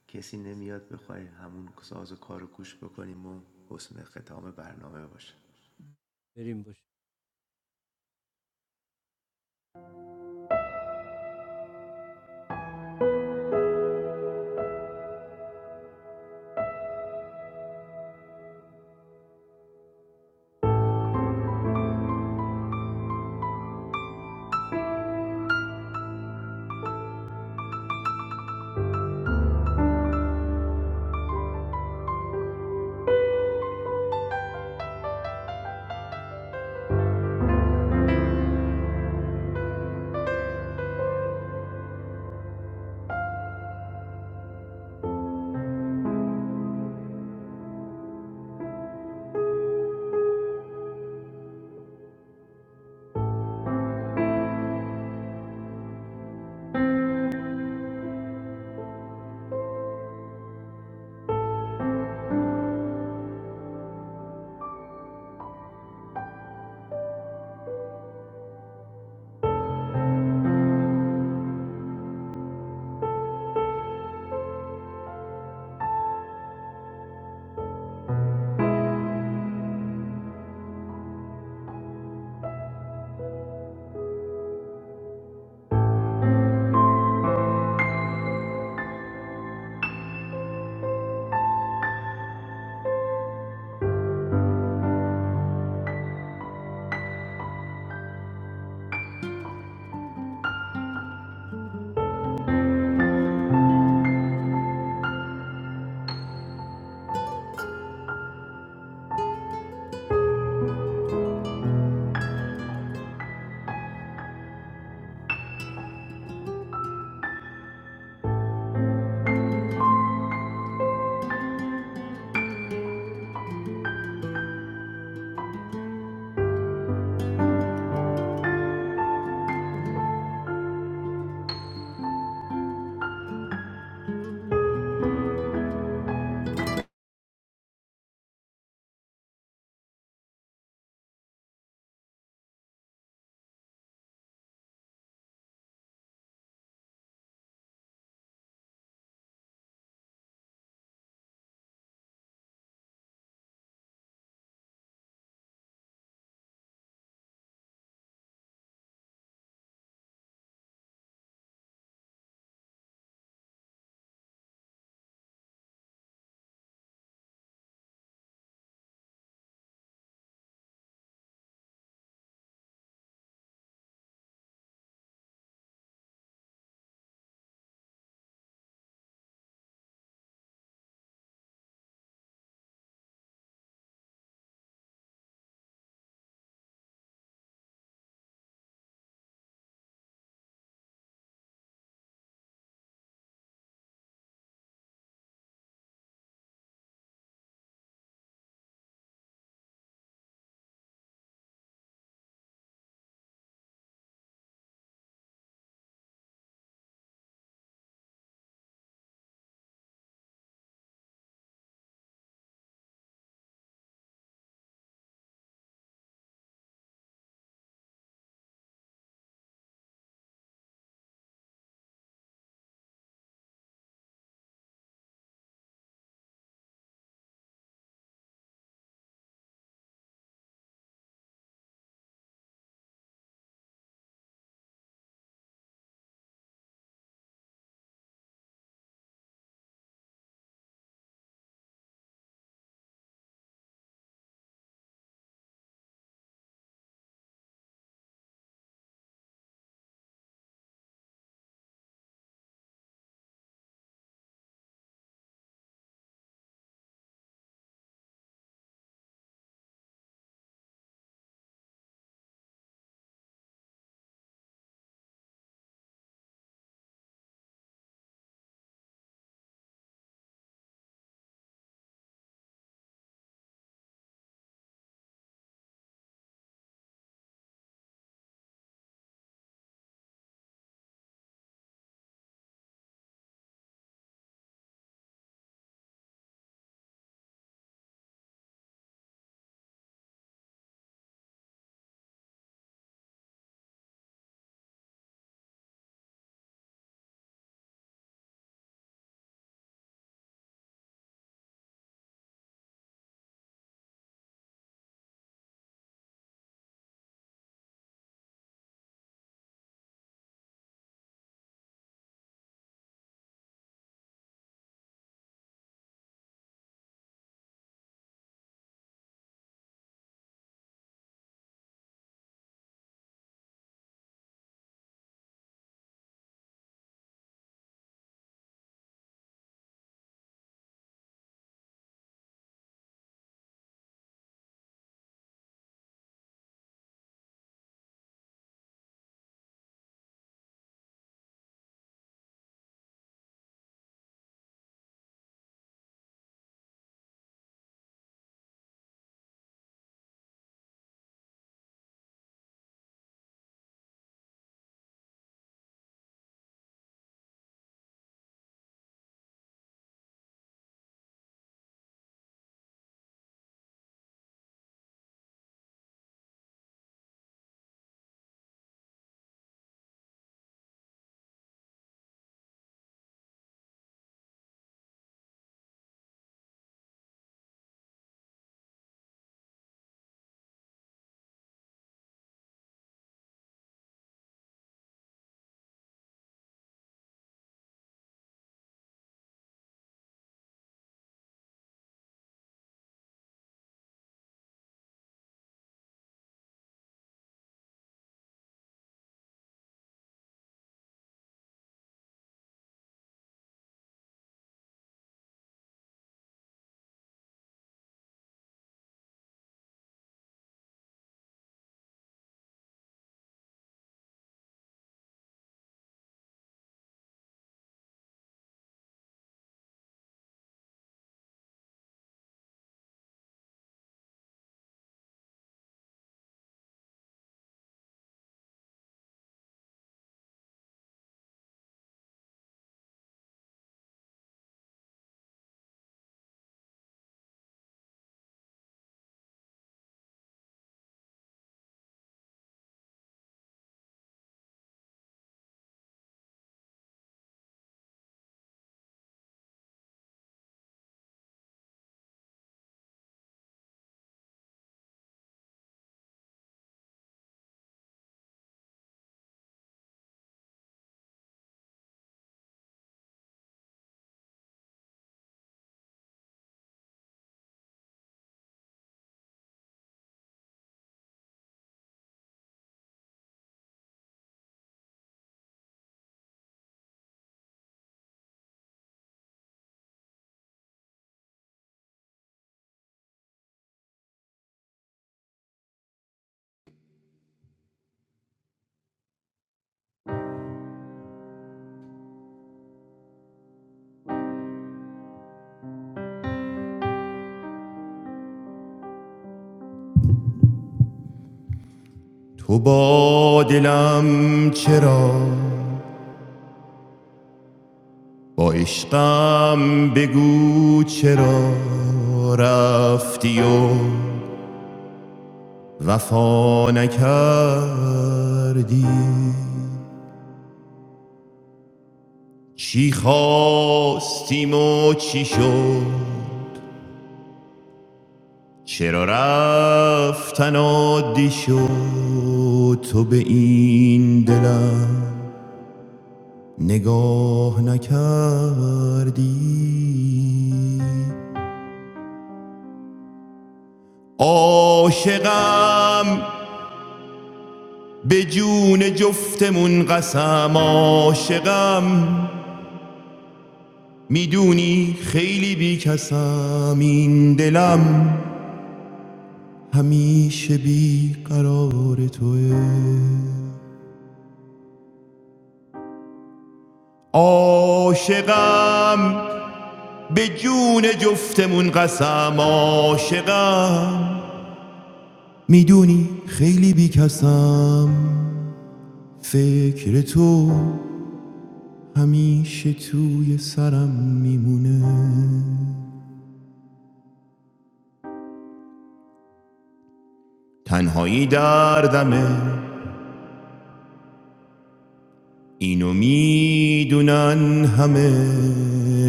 Speaker 2: کسی نمیاد بخوای همون ساز و کار گوش بکنیم و حسن ختام برنامه باشه
Speaker 6: تو با دلم چرا با عشقم بگو چرا رفتی و وفا نکردی چی خواستیم و چی شد چرا رفتن عادی شد تو به این دلم نگاه نکردی عاشقم به جون جفتمون قسم عاشقم میدونی خیلی بی کسم این دلم همیشه بی قرار توه عاشقم به جون جفتمون قسم عاشقم میدونی خیلی بیکسم فکر تو همیشه توی سرم میمونه تنهایی دردمه اینو میدونن همه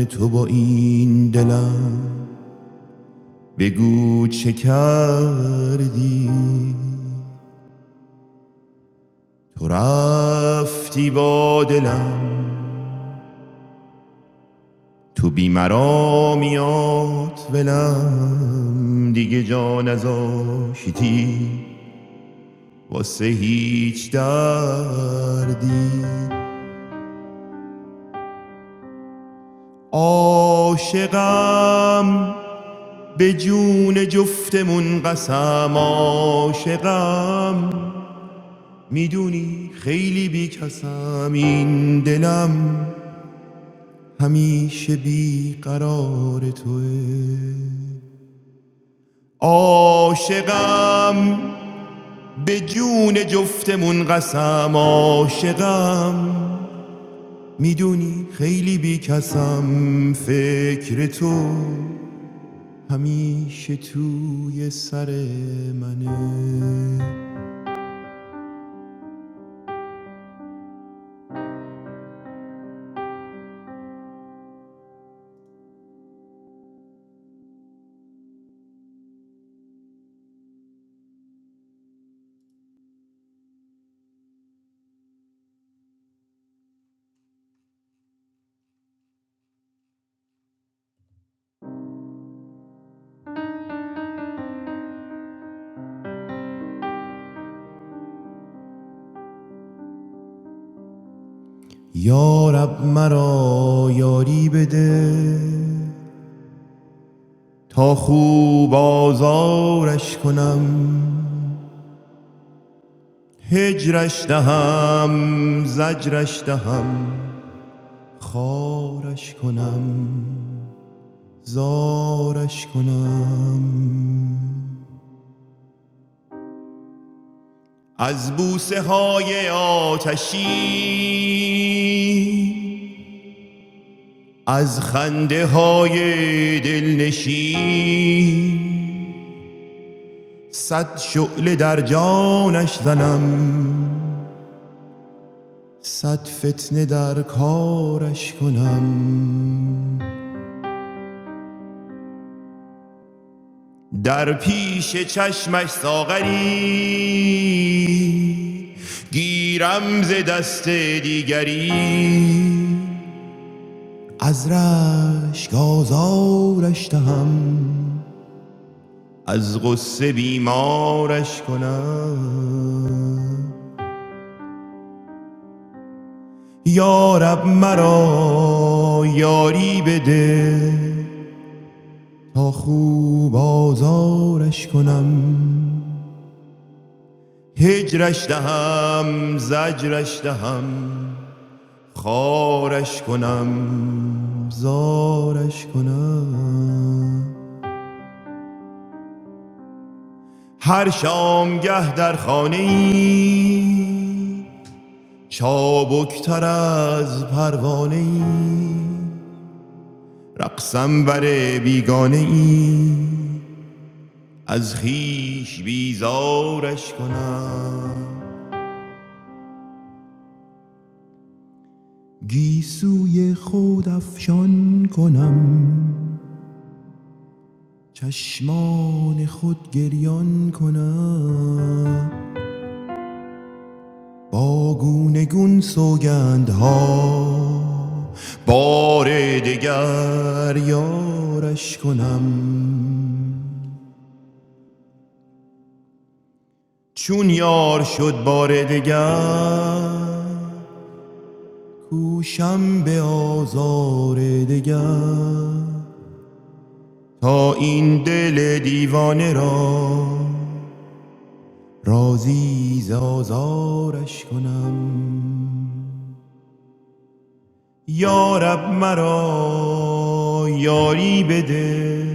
Speaker 6: تو با این دلم بگو چه کردی تو رفتی با دلم تو بیمرا میاد ولم دیگه جا نذاشتی واسه هیچ دردی عاشقم به جون جفتمون قسم عاشقم میدونی خیلی بیکسم این دلم همیشه بی قرار توه عاشقم به جون جفتمون قسم عاشقم میدونی خیلی بیکسم فکر تو همیشه توی سر منه یا رب مرا یاری بده تا خوب آزارش کنم هجرش دهم زجرش دهم خارش کنم زارش کنم از بوسه های آتشی از خنده های دلنشین صد شعله در جانش زنم صد فتنه در کارش کنم در پیش چشمش ساغری گیرم ز دست دیگری از رشک آزارش دهم از غصه بیمارش کنم یارب مرا یاری بده تا خوب آزارش کنم هجرش دهم زجرش دهم خارش کنم زارش کنم هر شامگه در خانه ای چابکتر از پروانه ای رقصم بر بیگانه ای از خویش بیزارش کنم گیسوی خود افشان کنم چشمان خود گریان کنم با گونه گون سوگندها بار دگر یارش کنم چون یار شد بار دگر کوشم به آزار دگر تا این دل دیوانه را رازی زازارش کنم یارب مرا یاری بده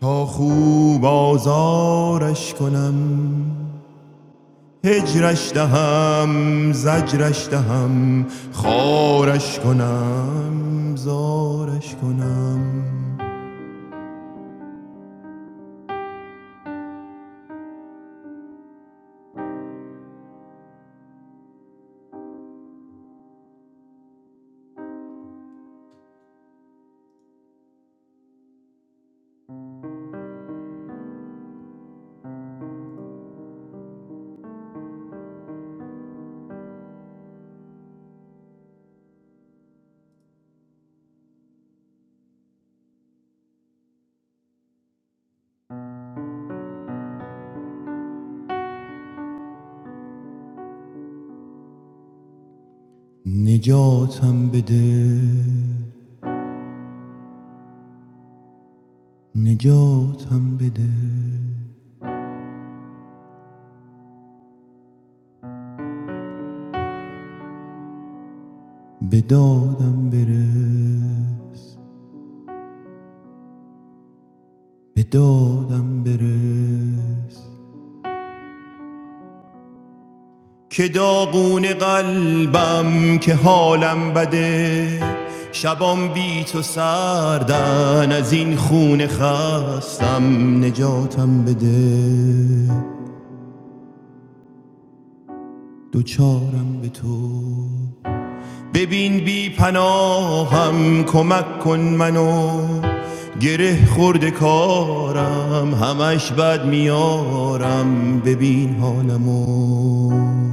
Speaker 6: تا خوب آزارش کنم هجرش دهم زجرش دهم خارش کنم زارش کنم نجاتم بده نجاتم بده به دادم برس به دادم برس که داغون قلبم که حالم بده شبام بی تو سردن از این خونه خستم نجاتم بده دوچارم به تو ببین بی پناهم کمک کن منو گره خورده کارم همش بد میارم ببین حالمو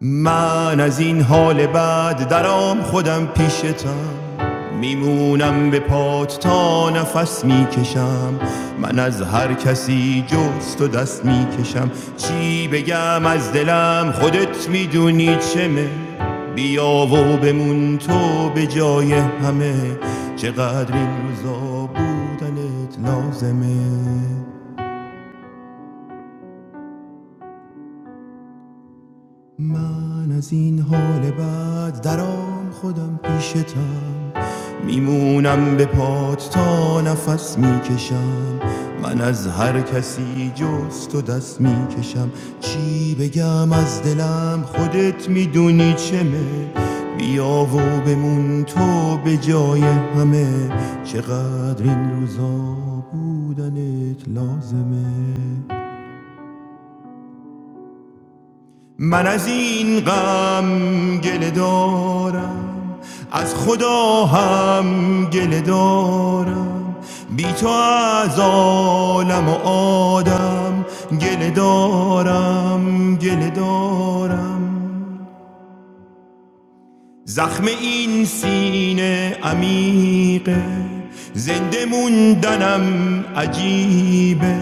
Speaker 6: من از این حال بعد درام خودم پیشتم میمونم به پات تا نفس میکشم من از هر کسی جز تو دست میکشم چی بگم از دلم خودت میدونی چمه بیا و بمون تو به جای همه چقدر این روزا بودنت لازمه من از این حال بعد در آن خودم پیشتم میمونم به پات تا نفس میکشم من از هر کسی جز تو دست میکشم چی بگم از دلم خودت میدونی چمه بیا و بمون تو به جای همه چقدر این روزا بودنت لازمه من از این غم گله دارم از خدا هم گله دارم بی تو از عالم و آدم گله دارم گله دارم زخم این سینه عمیقه زنده موندنم عجیبه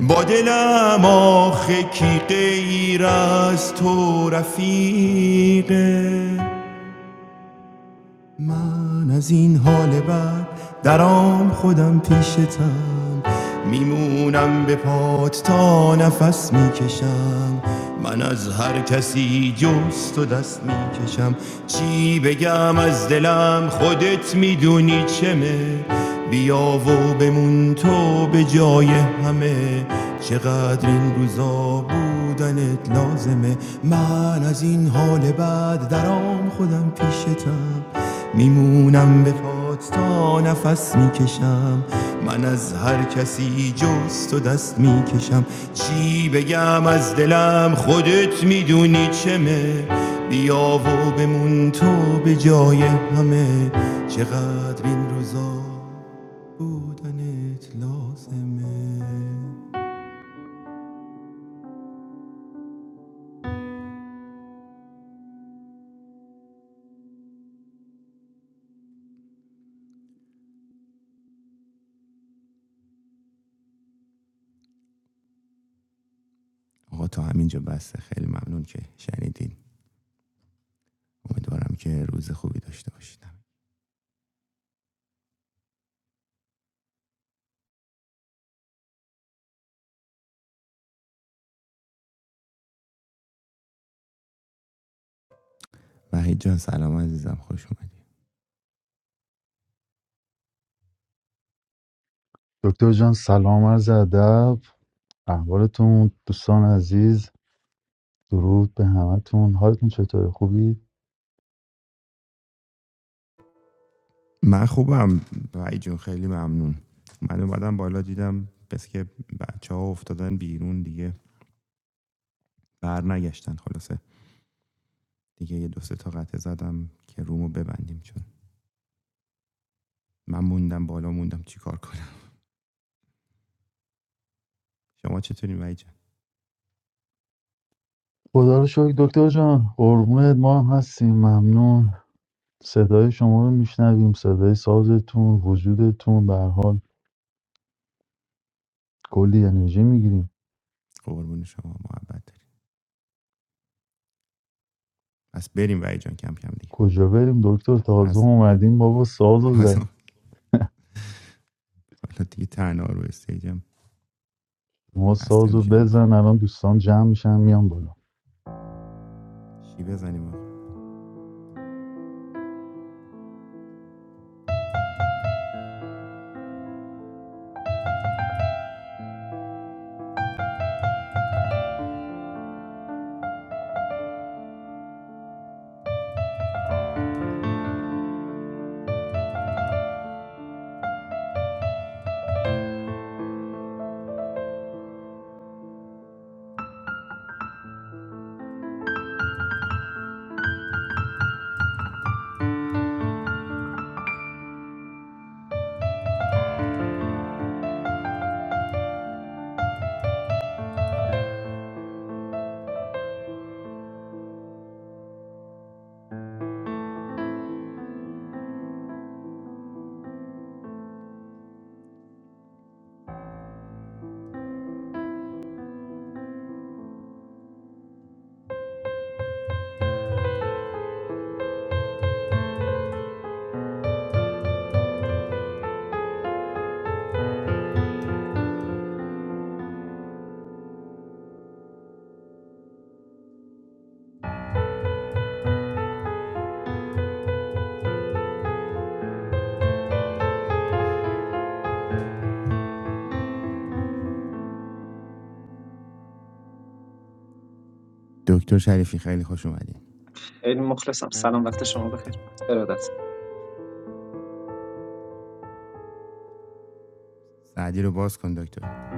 Speaker 6: با دلم آخه کی غیر از تو رفیقه من از این حال بعد درام خودم پیشتم میمونم به پات تا نفس میکشم من از هر کسی جز تو دست میکشم چی بگم از دلم خودت میدونی چمه بیا و بمون تو به جای همه چقدر این روزا بودنت لازمه من از این حال بعد درام خودم پیشتم میمونم به پات تا نفس میکشم من از هر کسی جز تو دست میکشم چی بگم از دلم خودت میدونی چمه بیا و بمون تو به جای همه چقدر این روزا بودنت لازمه آقا تا همینجا بسته خیلی ممنون که شنیدین امیدوارم که روز خوبی داشته باشید وحید جان سلام عزیزم خوش اومدی
Speaker 7: دکتر جان سلام عرض ادب احوالتون دوستان عزیز درود به همتون حالتون چطوره خوبی
Speaker 6: من خوبم وای جون خیلی ممنون من اومدم بالا دیدم بس که بچه ها افتادن بیرون دیگه بر نگشتن خلاصه دیگه یه دو سه تا قطعه زدم که رومو ببندیم چون من موندم بالا موندم چیکار کنم شما چطوری وای جان
Speaker 7: خدا رو شکر دکتر جان قربونت ما هم هستیم ممنون صدای شما رو میشنویم صدای سازتون وجودتون به هر حال کلی انرژی میگیریم
Speaker 6: قربون شما محبت داری پس بریم وای جان کم کم دیگه
Speaker 7: کجا بریم دکتر تازه
Speaker 6: از
Speaker 7: اومدیم بابا ساز
Speaker 6: تازه
Speaker 7: زد
Speaker 6: حالا دیگه تنها رو استیجم
Speaker 7: ما
Speaker 6: خسته
Speaker 7: ساز
Speaker 6: میشن
Speaker 7: بزن الان دوستان جمع میشن میان بالا
Speaker 6: چی بزنیم آقا دکتر شریفی خیلی خوش اومدین سعدی رو باز کن دکتر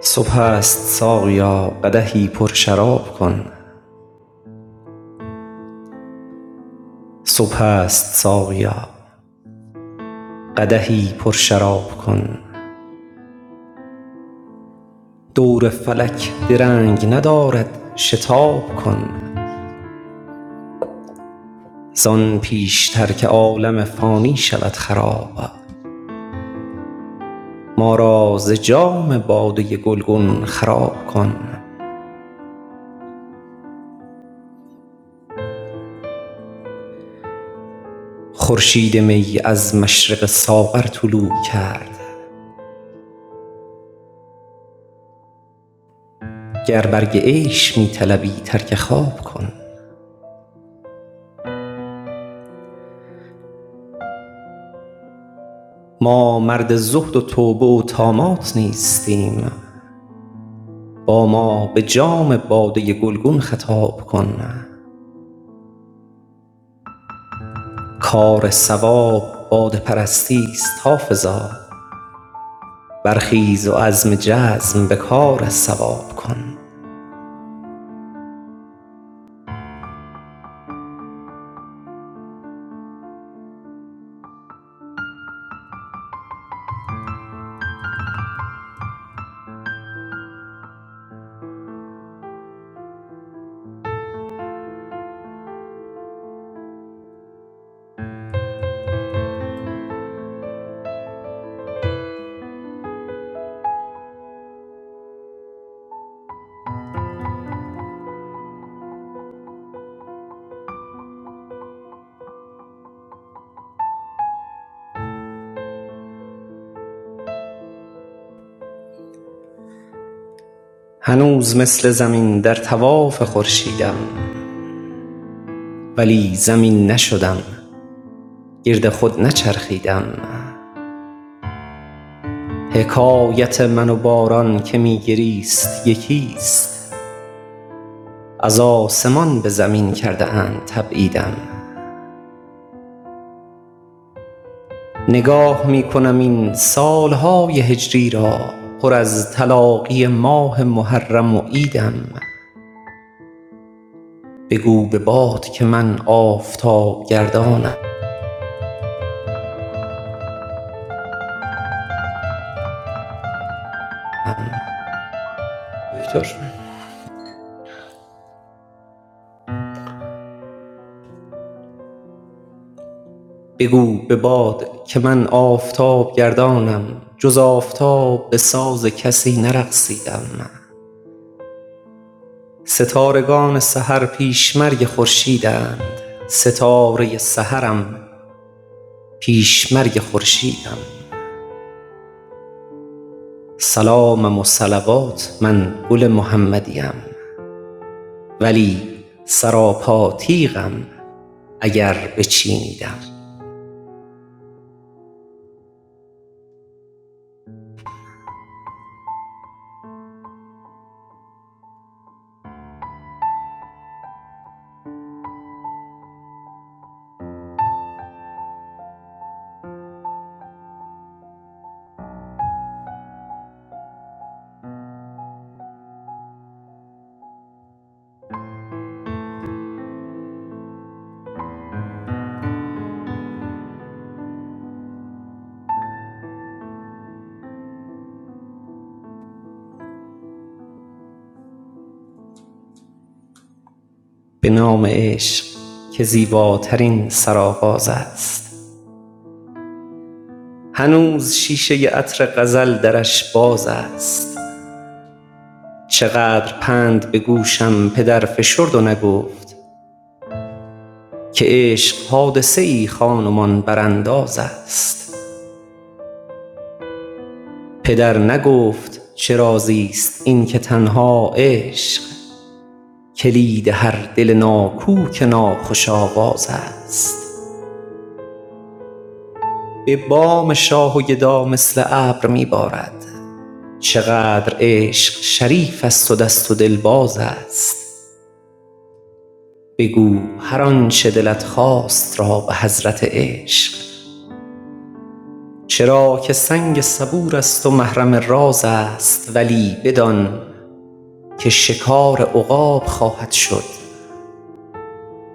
Speaker 8: صبح است ساقیا قدحی پر شراب کن صبح است ساقیا قدحی پر شراب کن دور فلک درنگ ندارد شتاب کن زان پیشتر که عالم فانی شود خراب ما را ز جام باده گلگون خراب کن خورشید می از مشرق ساغر طلوع کرد گر برگ عیش می طلبی ترک خواب کن ما مرد زهد و توبه و طامات نیستیم با ما به جام باده گلگون خطاب کن کار صواب باده پرستی است، حافظا برخیز و عزم جزم به کار صواب کن هنوز مثل زمین در طواف خورشیدم ولی زمین نشدم گرد خود نچرخیدم حکایت من و باران که می گریست یکی ست از آسمان به زمین کرده اند تبعیدم نگاه می کنم این سالهای هجری را پر از تلاقی ماه محرم و عیدم بگو به باد که من آفتاب گردانم بگو به باد که من آفتاب گردانم جز آفتاب به ساز کسی نرقصیدم ستارگان سحر پیشمرگ خورشیدند ستاره سحرم پیشمرگ خورشیدم سلامم و صلوات من گل محمدیم ولی سراپاتیقم اگر بچینیدم به نام عشق که زیباترین سرآغاز است هنوز شیشه عطر غزل درش باز است چقدر پند به گوشم پدر فشرد و نگفت که عشق حادثه ای خان و مان برانداز است پدر نگفت چه رازی این که تنها عشق کلید هر دل ناکوک ناخوش آواز است به بام شاه و گدا مثل ابر می بارد چقدر عشق شریف است و دست و دل باز است بگو هر آنچه دلت خواست را به حضرت عشق چرا که سنگ صبور است و محرم راز است ولی بدان که شکار عقاب خواهد شد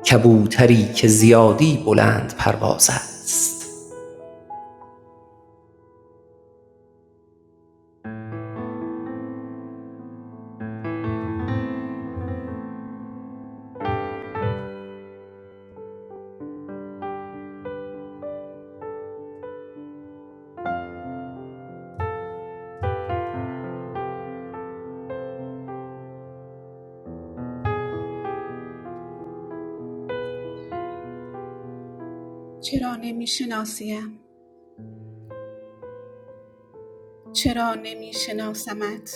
Speaker 8: کبوتری که زیادی بلند پرواز است
Speaker 9: چرا نمیشناسیم چرا نمیشناسمت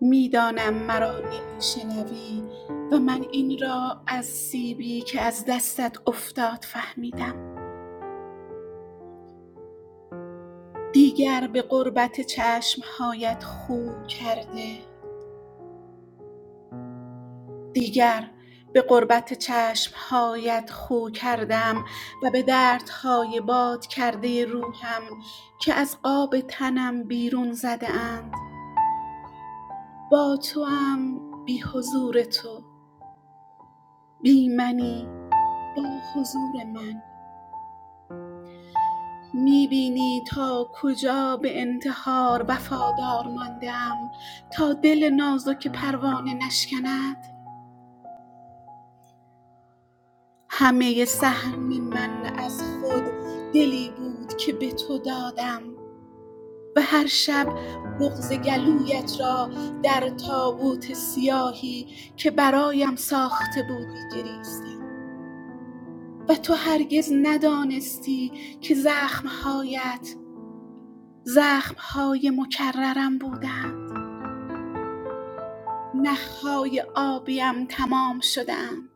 Speaker 9: میدانم مرا نمیشنوی و من این را از سیبی که از دستت افتاد فهمیدم دیگر به قربت چشمهایت خو کرده دیگر به قربت چشمهایت خو کردم و به دردهای باد کرده روحم که از قاب تنم بیرون زده اند با توام بی حضور تو بی منی با حضور من میبینی تا کجا به انتحار وفادار ماندم تا دل نازک پروانه نشکند همه سهم من از خود دلی بود که به تو دادم و هر شب بغز گلویت را در تابوت سیاهی که برایم ساخته بودی گریستم و تو هرگز ندانستی که زخمهایت زخم‌های مکررم بودند نخ‌های آبیم تمام شدند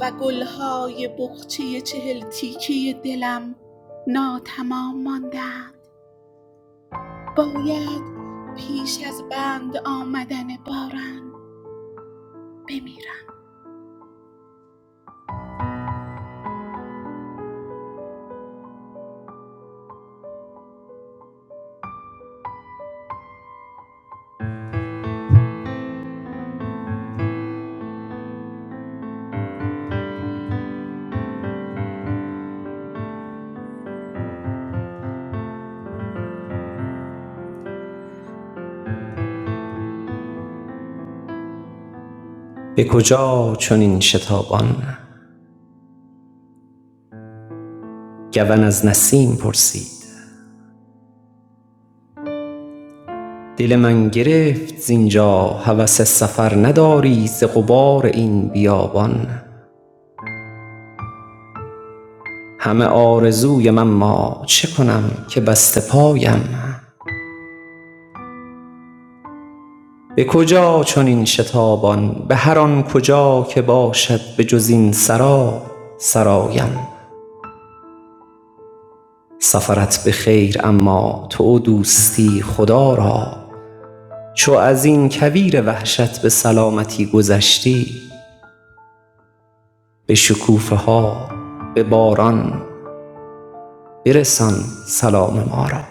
Speaker 9: و گل‌های بقچه چهل تیکه دلم ناتمام ماندند باید پیش از بند آمدن باران بمیرم
Speaker 8: به کجا چنین شتابان گون از نسیم پرسید دل من گرفت زینجا هوس سفر نداری ز غبار این بیابان همه آرزویم اما چه کنم که بسته پایم به کجا چنین شتابان به هر آن کجا که باشد به جز این سرا سرایم سفرت به خیر اما تو دوستی خدا را چو از این کویر وحشت به سلامتی گذشتی به شکوفه ها به باران برسان سلام ما را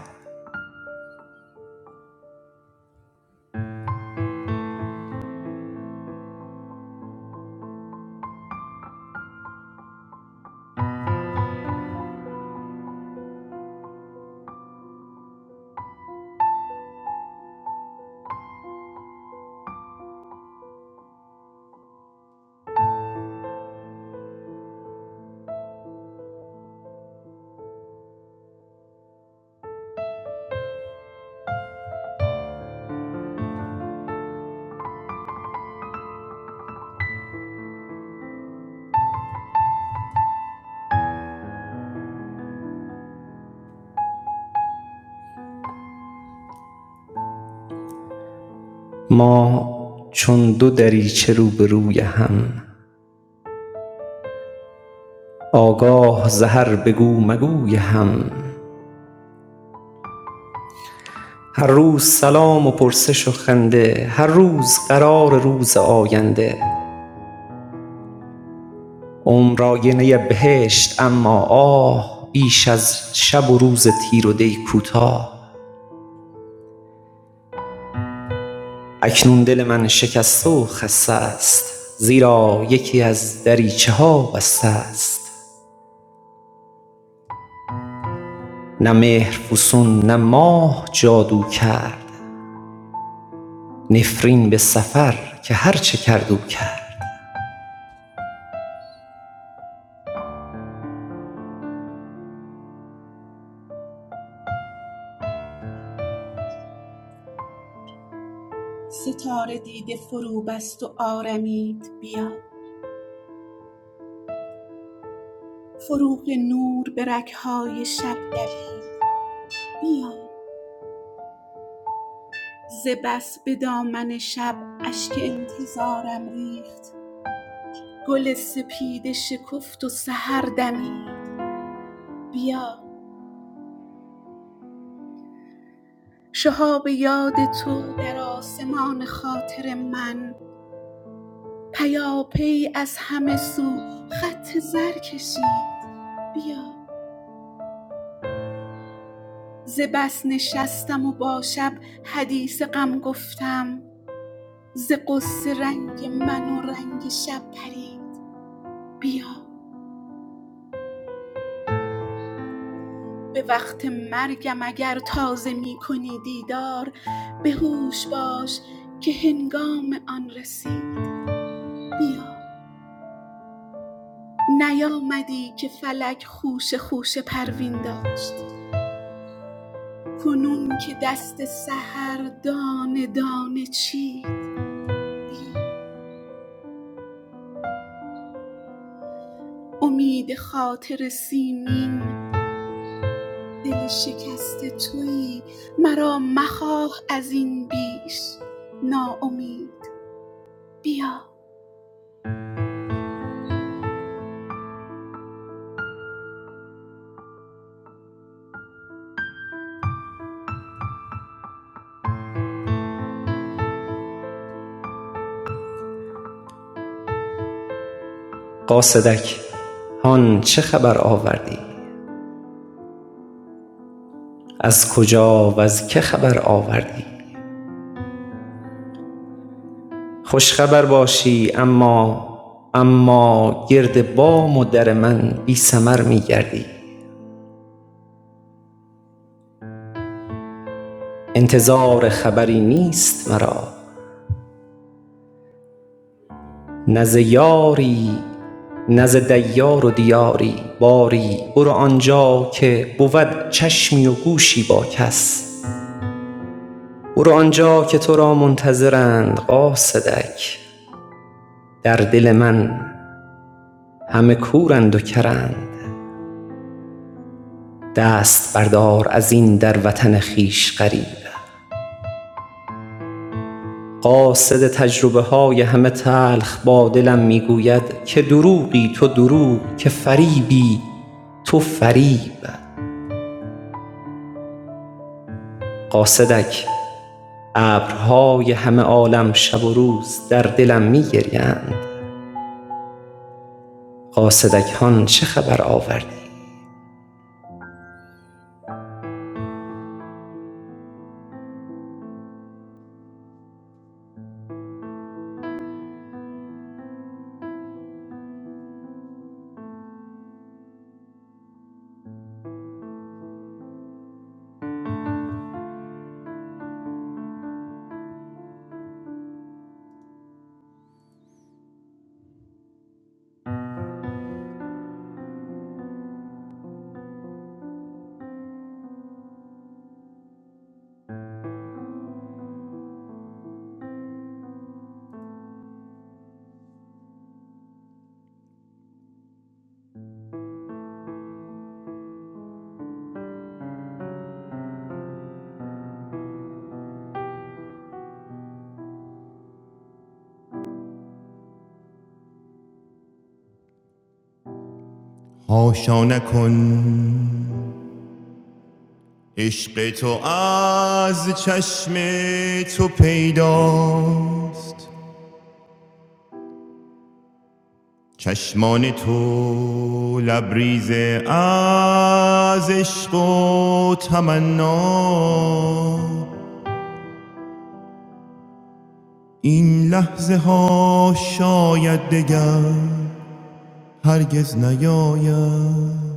Speaker 8: ما چون دو دریچه روبروی هم آگاه ز هر بگو مگوی هم هر روز سلام و پرسش و خنده هر روز قرار روز آینده عمر آینه بهشت اما آه بیش از شب و روز تیر و دی کوتاه اکنون دل من شکسته و خسته است زیرا یکی از دریچه ها بسته است نه مهر فسون نه ماه جادو کرد نفرین به سفر که هر چه کرد او کرد
Speaker 9: ستاره دیده فرو بست و آرمید بیا فروغ نور به رگ‌های شب دوید بیا ز بس به دامن شب اشک انتظارم ریخت گل سپیده شکفت و سحر دمید بیا شهاب یاد تو در آسمان خاطر من پیاپی از همه سو خط زر کشید بیا ز بس نشستم و با شب حدیث غم گفتم ز غصه رنگ من و رنگ شب پرید بیا به وقت مرگم اگر تازه می کنی دیدار به هوش باش که هنگام آن رسید بیا نیامدی که فلک خوش خوش پروین داشت کنون که دست سحر دانه دانه چید بیا امید خاطر سیمین دل شکسته تویی مرا مخواه از این بیش ناامید بیا
Speaker 8: قاصدک هان چه خبر آوردی از کجا وز که خبر آوردی خوشخبر باشی اما اما گرد بام و در من بی ثمر می گردی انتظار خبری نیست مرا نه ز یاری نه ز دیار و دیاری باری برو آنجا که بود چشمی و گوشی با کس برو آنجا که تو را منتظرند قاصدک در دل من همه کورند و کرند دست بردار از این در وطن خویش غریبک قاصد تجربه های همه تلخ با دلم می که دروغی تو دروغ که فریبی تو فریب قاصدک ابرهای همه عالم شب و روز در دلم می گریند قاصدکان چه خبر آوردی
Speaker 6: هاشا نکن عشق تو از چشم تو پیداست چشمان تو لبریز از عشق و تمنا این لحظه ها شاید دگر هرگز نیاید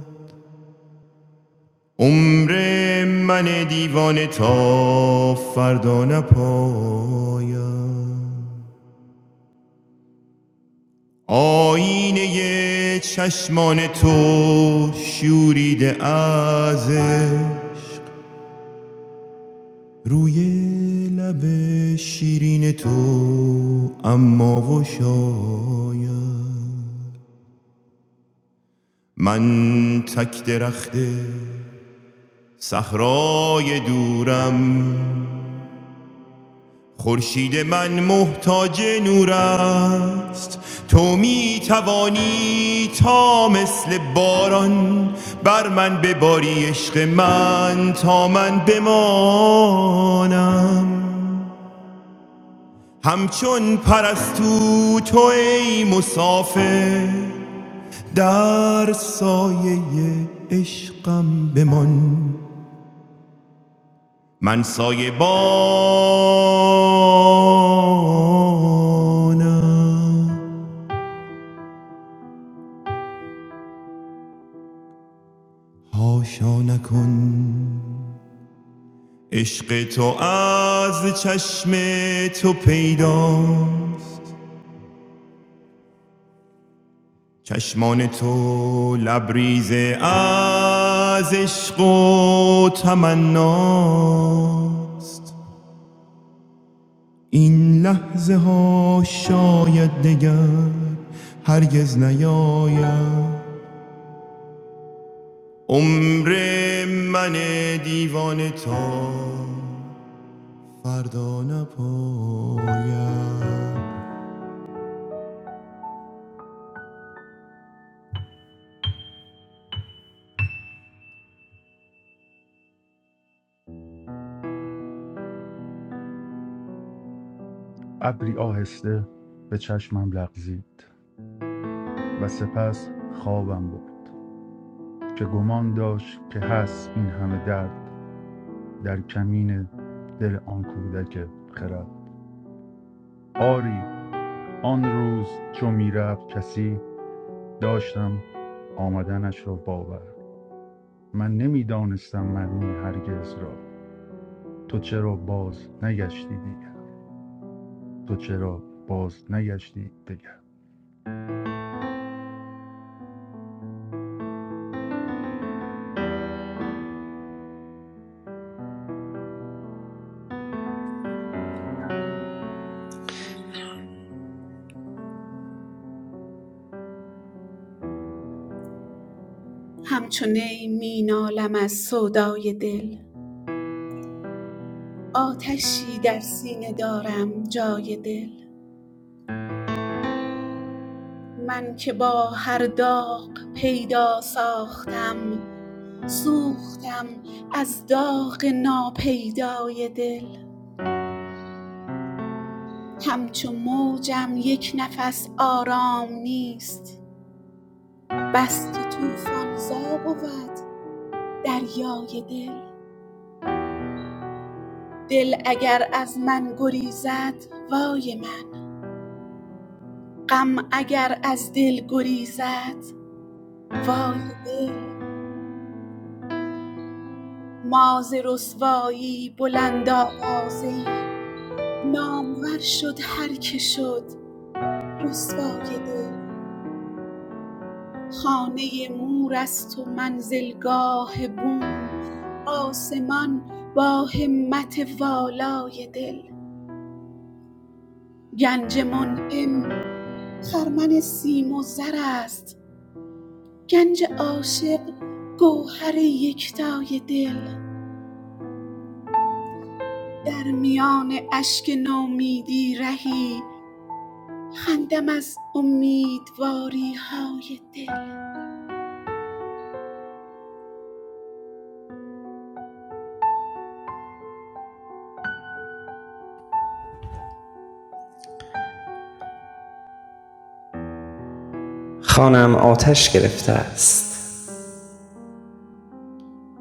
Speaker 6: عمر من دیوانه تا فردا نپاید آینه چشمان تو شوریده ازش روی لب شیرین تو اما و شاید من تک درخت صحرای دورم خورشید من محتاج نور است تو می توانی تا مثل باران بر من بباری عشق من تا من بمانم همچون پرستو تو ای مسافر در سایه عشقم بمان من سایه بانم هاشا نکن عشق تو از چشم تو پیداست چشمان تو لبریز از عشق و تمناست این لحظه ها شاید دگر هرگز نیاید عمر من دیوانه تا فردا نپایم
Speaker 7: ابری آهسته به چشمم لغزید و سپس خوابم برد که گمان داشت که هست این همه درد در کمین دل آن کودک خرد آری آن روز چو میرفت کسی داشتم آمدنش را باور من نمیدانستم معنی هرگز را تو چرا باز نگشتی دیگر تو چرا باز نگشتی دیگر
Speaker 9: همچو نی می نالم از سودای دل آتشی در سینه دارم جای دل من که با هر داغ پیدا ساختم سوختم از داغ ناپیدای دل همچو موجم یک نفس آرام نیست بس که طوفان زا بود دریای دل دل اگر از من گریزد وای من غم اگر از دل گریزد وای دل ما ز رسوایی بلند آوازه ای نامور شد هر که شد رسوای دل خانه مور است و منزلگاه بوم آسمان با همت والای دل گنج منعم خرمن سیم و زر است گنج عاشق گوهر یکتای دل در میان اشک نومیدی رهی خندم از امیدواری های دل
Speaker 8: خانم آتش گرفته است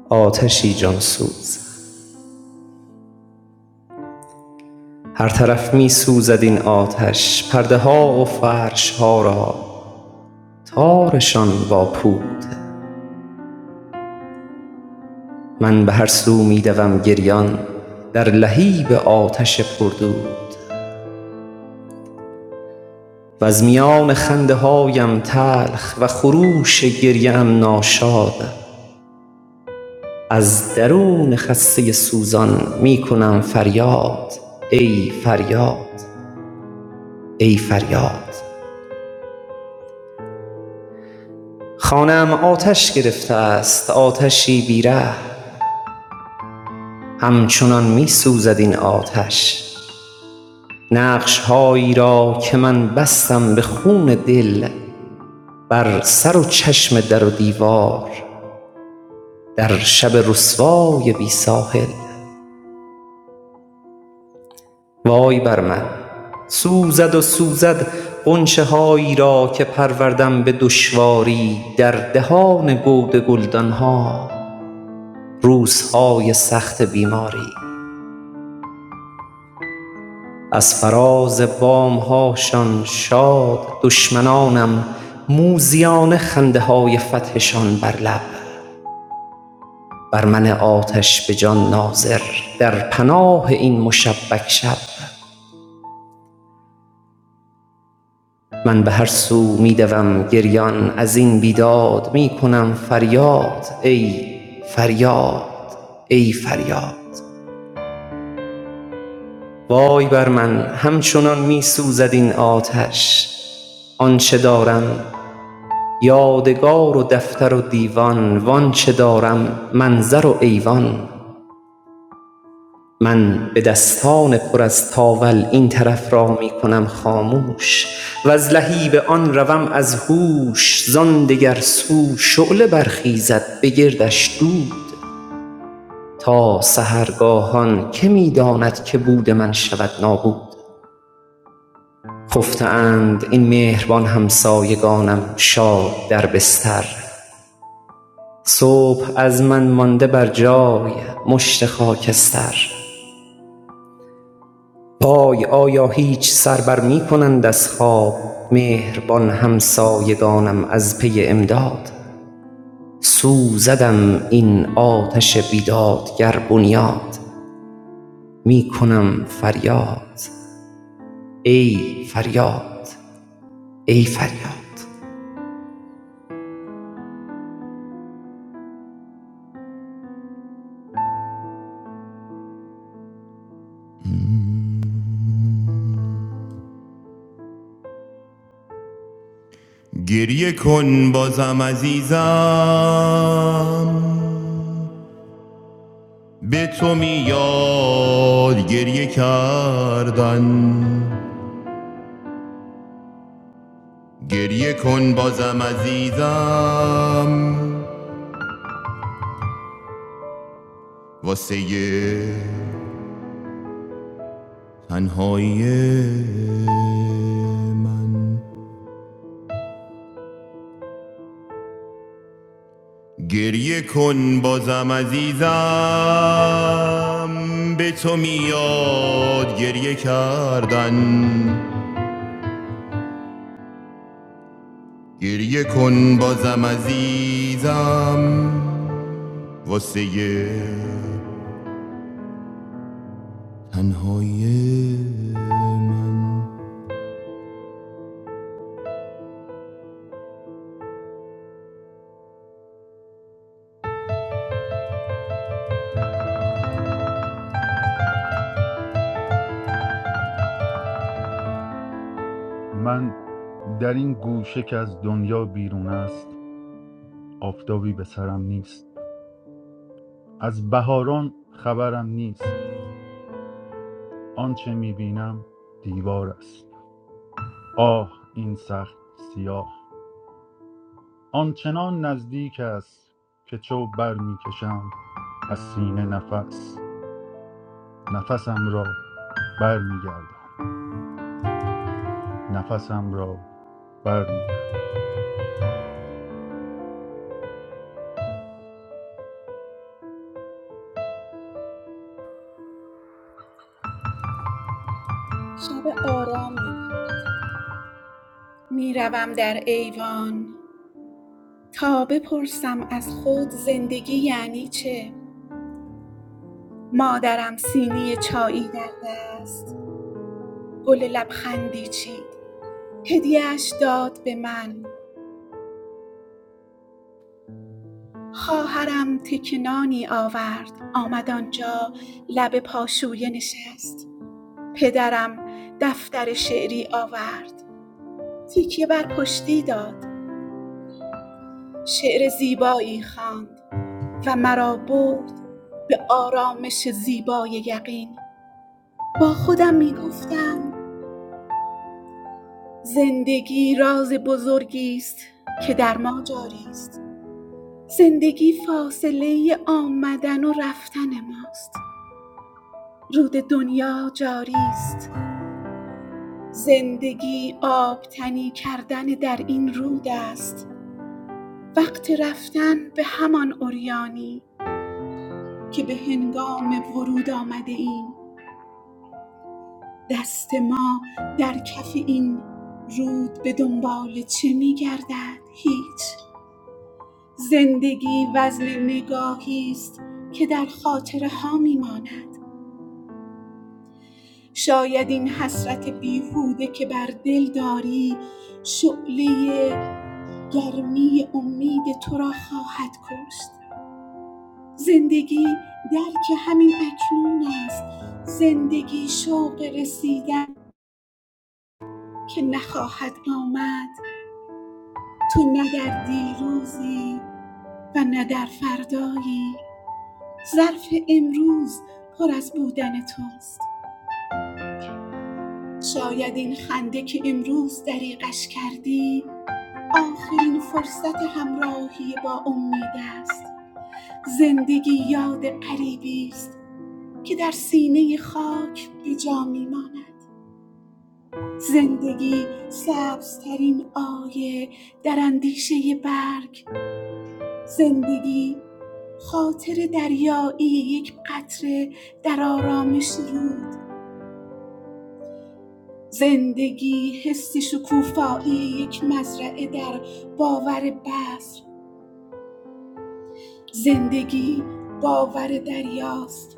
Speaker 8: آتشی جانسوز هر طرف می سوزد این آتش پرده ها و فرش ها را تارشان با پود من به هر سو می دوم گریان در لهیب آتش پردود وز میان خنده هایم تلخ و خروش گریه ام ناشاد از درون خسته سوزان می کنم فریاد ای فریاد ای فریاد خانه ام آتش گرفته است آتشی بی همچنان می سوزد این آتش نقش هایی را که من بستم به خون دل بر سر و چشم در و دیوار در شب رسوای بی ساحل وای بر من سوزد و سوزد غنچه هایی را که پروردم به دشواری در دهان گود گلدان ها روزهای سخت بیماری از فراز بامهاشان شاد دشمنانم موزیان خنده های فتحشان بر لب بر من آتش به جان ناظر در پناه این مشبک شب من به هر سو می دوم گریان از این بیداد می کنم فریاد ای فریاد ای فریاد وای بر من همچنان می سوزد این آتش آنچه دارم یادگار و دفتر و دیوان وآنچه دارم منظر و ایوان من به دستان پر از تاول این طرف را می کنم خاموش و از لهیب آن روم از هوش زان دگر سو شعله برخیزد به گردش دود تا سحرگاهان که می داند که بود من شود نابود خفته اند این مهربان همسایگانم شاد در بستر صبح از من مانده بر جای مشت خاکستر پای آیا هیچ سر بر می کنند از خواب مهربان همسایگانم از پی امداد سوزدم این آتش بیدادگر بنیاد می کنم فریاد ای فریاد ای فریاد
Speaker 6: گریه کن بازم عزیزم به تو میاد گریه کردن گریه کن بازم عزیزم واسه تنهایی من گریه کن بازم عزیزم به تو میاد گریه کردن گریه کن بازم عزیزم واسه تنهای من
Speaker 7: من در این گوشه که از دنیا بیرون است آفتابی به سرم نیست از بهاران خبرم نیست آنچه میبینم دیوار است آه این سخت سیاه آنچنان نزدیک است که چو بر برمیکشم از سینه نفس نفسم را برمیگردان نفسم را برمیگردان
Speaker 9: شب آرامی بود. میروم در ایوان تا بپرسم از خود زندگی یعنی چه مادرم سینی چایی در دست گل لبخندی چید هدیهش داد به من خواهرم تکنانی آورد آمد آنجا لب پاشویه نشست پدرم دفتر شعری آورد تکیه بر پشتی داد شعر زیبایی خواند و مرا برد به آرامش زیبای یقین با خودم می گفتم زندگی راز بزرگی است که در ما جاری است زندگی فاصله آمدن و رفتن ماست رود دنیا جاری است زندگی آبتنی کردن در این رود است وقت رفتن به همان اوریانی که به هنگام ورود آمده ایم دست ما در کف این رود به دنبال چه می گردد؟ هیچ زندگی وزن نگاهی است که در خاطره ها می ماند شاید این حسرت بیهوده که بر دل داری شعله گرمی امید تو را خواهد کشت زندگی درک همین اکنون است زندگی شوق رسیدن که نخواهد آمد تو نه در دیروزی و نه در فردایی ظرف امروز پر از بودن توست شاید این خنده که امروز دریغش کردی آخرین فرصت همراهی با امید است زندگی یاد قریبی است که در سینه خاک به جا میماند زندگی سبزترین آیه در اندیشه برگ زندگی خاطر دریایی یک قطره در آرامش رود زندگی حس شکوفایی یک مزرعه در باور بذر زندگی باور دریاست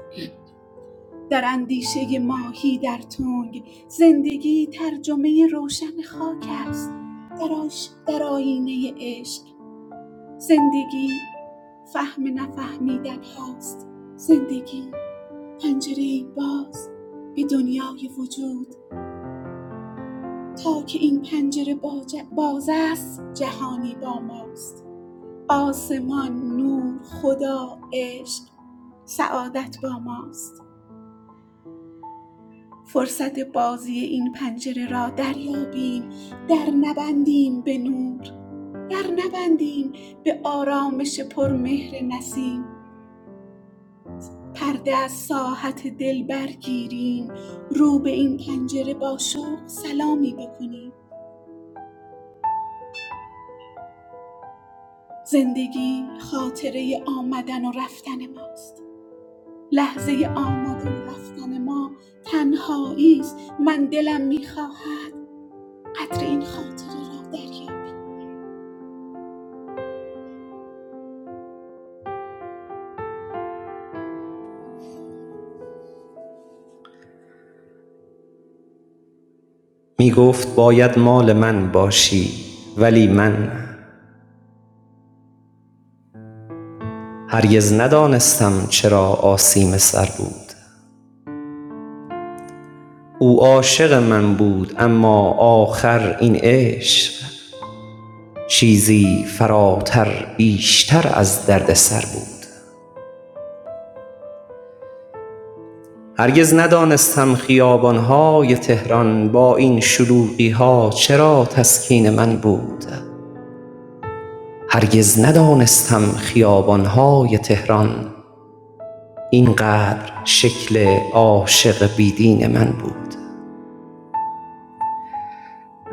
Speaker 9: در اندیشه ماهی در تنگ زندگی ترجمه روشن خاک است در, آش... در آینه عشق زندگی فهم نفهمیدن هاست زندگی پنجره باز به دنیای وجود تا که این پنجره باج- باز است جهانی با ماست آسمان نور خدا عشق سعادت با ماست فرصت بازی این پنجره را دریابیم در نبندیم به نور در نبندیم به آرامش پرمهر نسیم پرده از ساحت دل برگیریم رو به این پنجره با شوق سلامی بکنیم زندگی خاطره آمدن و رفتن ماست لحظه آمدن و رفتن ما تنهایی است من دلم میخواهد قدر این خاطره را دریابم
Speaker 8: می گفت باید مال من باشی ولی من هرگز ندانستم چرا آسیم سر بود او عاشق من بود اما آخر این عشق چیزی فراتر بیشتر از دردسر بود هرگز ندانستم خیابانهای تهران با این شلوغیها چرا تسکین من بود هرگز ندانستم خیابانهای تهران اینقدر شکل عاشق بیدین من بود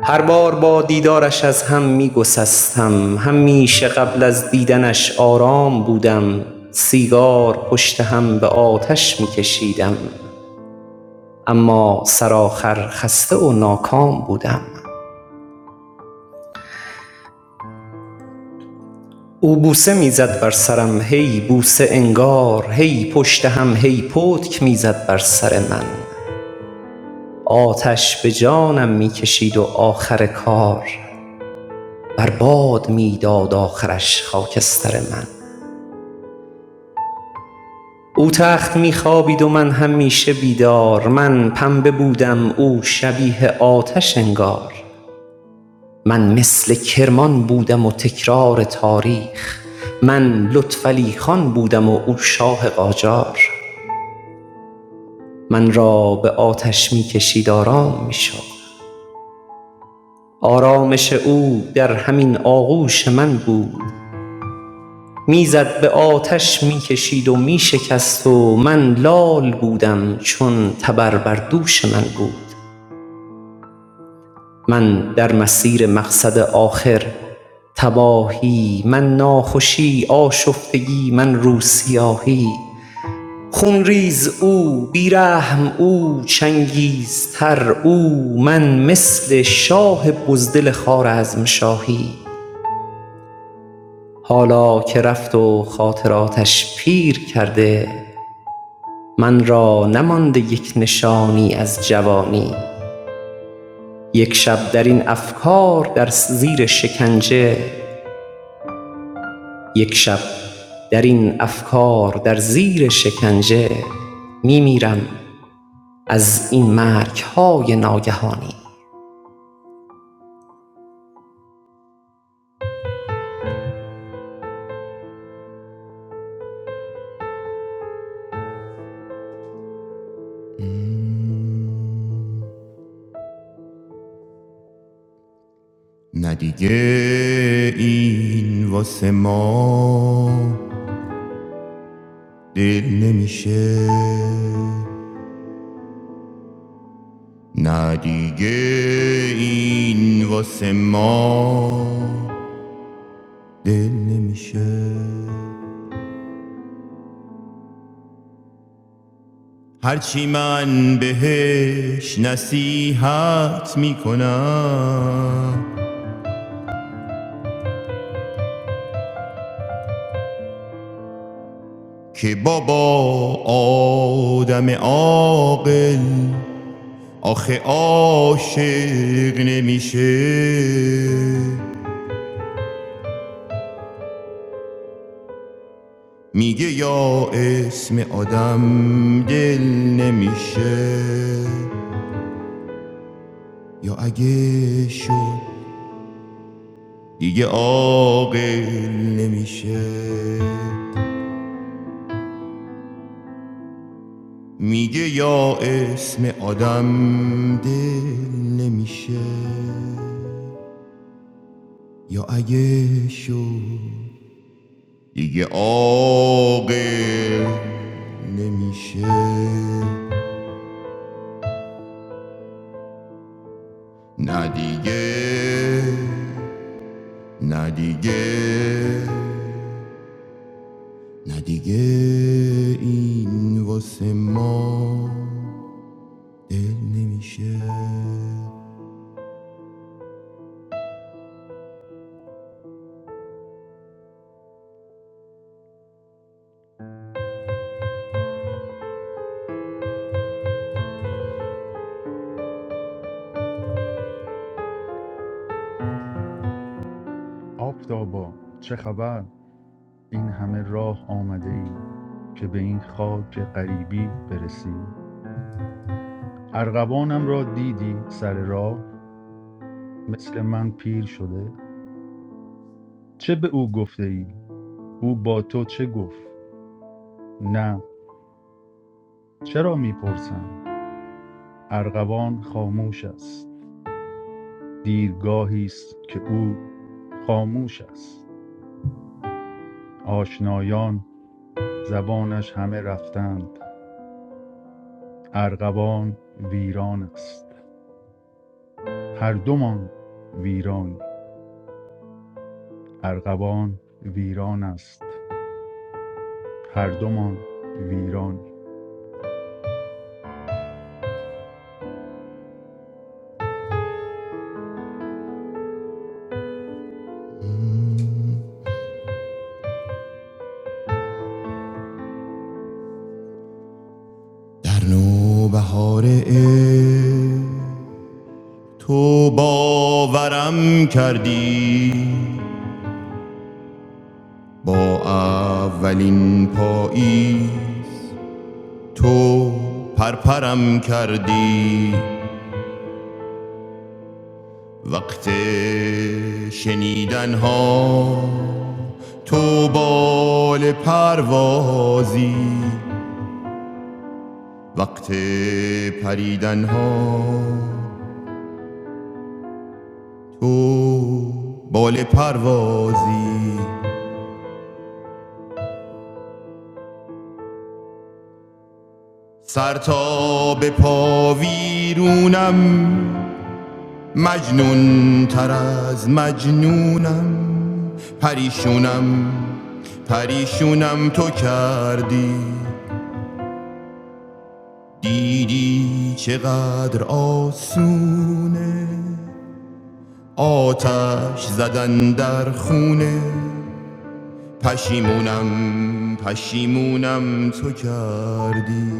Speaker 8: هر بار با دیدارش از هم می گسستم همیشه قبل از دیدنش آرام بودم سیگار پشت هم به آتش می کشیدم اما سرآخر خسته و ناکام بودم او بوسه می بر سرم هی بوسه انگار هی پشت هم هی پتک می زد بر سر من آتش به جانم می و آخر کار بر باد می آخرش خاکستر من او تخت می خوابید و من همیشه بیدار من پنبه بودم او شبیه آتش انگار من مثل کرمان بودم و تکرار تاریخ من لطفعلی خان بودم و او شاه قاجار من را به آتش می کشید آرام می شد آرامش او در همین آغوش من بود می زد به آتش می کشید و می شکست و من لال بودم چون تبر بر دوش من بود من در مسیر مقصد آخر تباهی من ناخوشی آشفتگی من رو خونریز او بی رحم او چنگیزتر او من مثل شاه بزدل خوارزمشاهی حالا که رفت و خاطراتش پیر کرده من را نمانده یک نشانی از جوانی یک شب در این افکار در زیر شکنجه یک شب در این افکار در زیر شکنجه میمیرم از این مرگهای ناگهانی
Speaker 6: نه دیگه این واسه ما دل نمیشه نه دیگه این واسه ما دل نمیشه هرچی من بهش نصیحت میکنم که بابا آدم عاقل آخه عاشق نمیشه میگه یا اسم آدم دل نمیشه یا اگه شد دیگه عاقل نمیشه میگه یا اسم آدم دل نمیشه یا اگه شد دیگه عاقل نمیشه نه دیگه نه دیگه نه دیگه این واسه ما دل نمیشه
Speaker 7: آفتابا چه خبر این همه راه آمده ای که به این خاک غریبی برسی ارغوانم را دیدی سر راه مثل من پیر شده چه به او گفته ای او با تو چه گفت نه چرا میپرسم ارغوان خاموش است دیرگاهی است که او خاموش است آشنایان زبانش همه رفتند ارغوان ویران است هر دومان ویرانی ارغوان ویران است هر دومان ویرانی
Speaker 6: در نوبهار عشق تو باورم کردی با اولین پایی تو پرپرم کردی وقت شنیدن ها تو بال پروازی وقت پریدن ها تو بال پروازی سر تا به پا ویرونم مجنون تر از مجنونم پریشونم پریشونم تو کردی دیدی چقدر آسونه آتش زدن در خونه پشیمونم پشیمونم تو کردی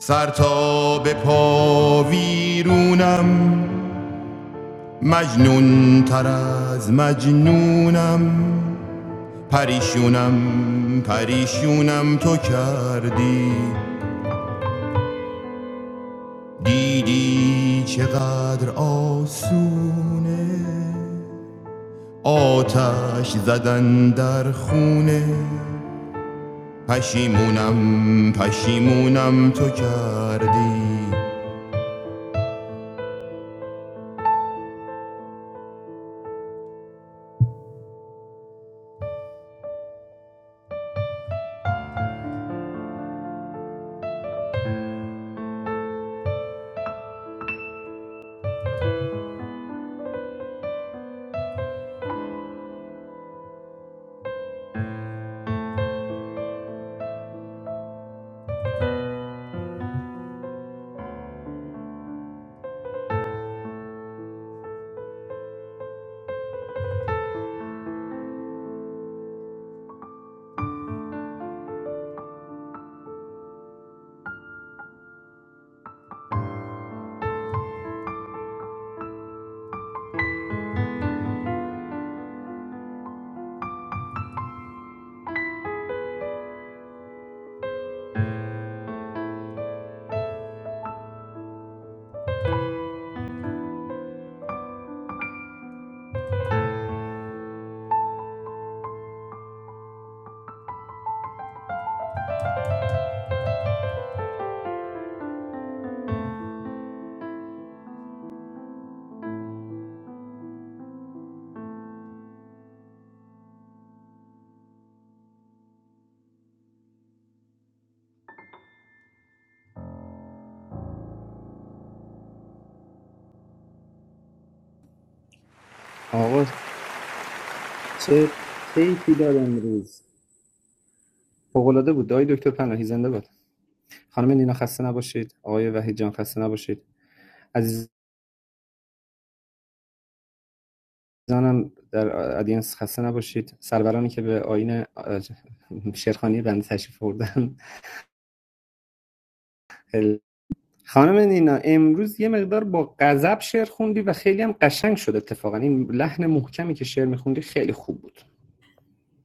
Speaker 6: سر تا به پا ویرونم مجنون تر از مجنونم پریشونم پریشونم تو کردی دیدی چقدر آسونه آتش زدن در خونه پشیمونم پشیمونم تو کردی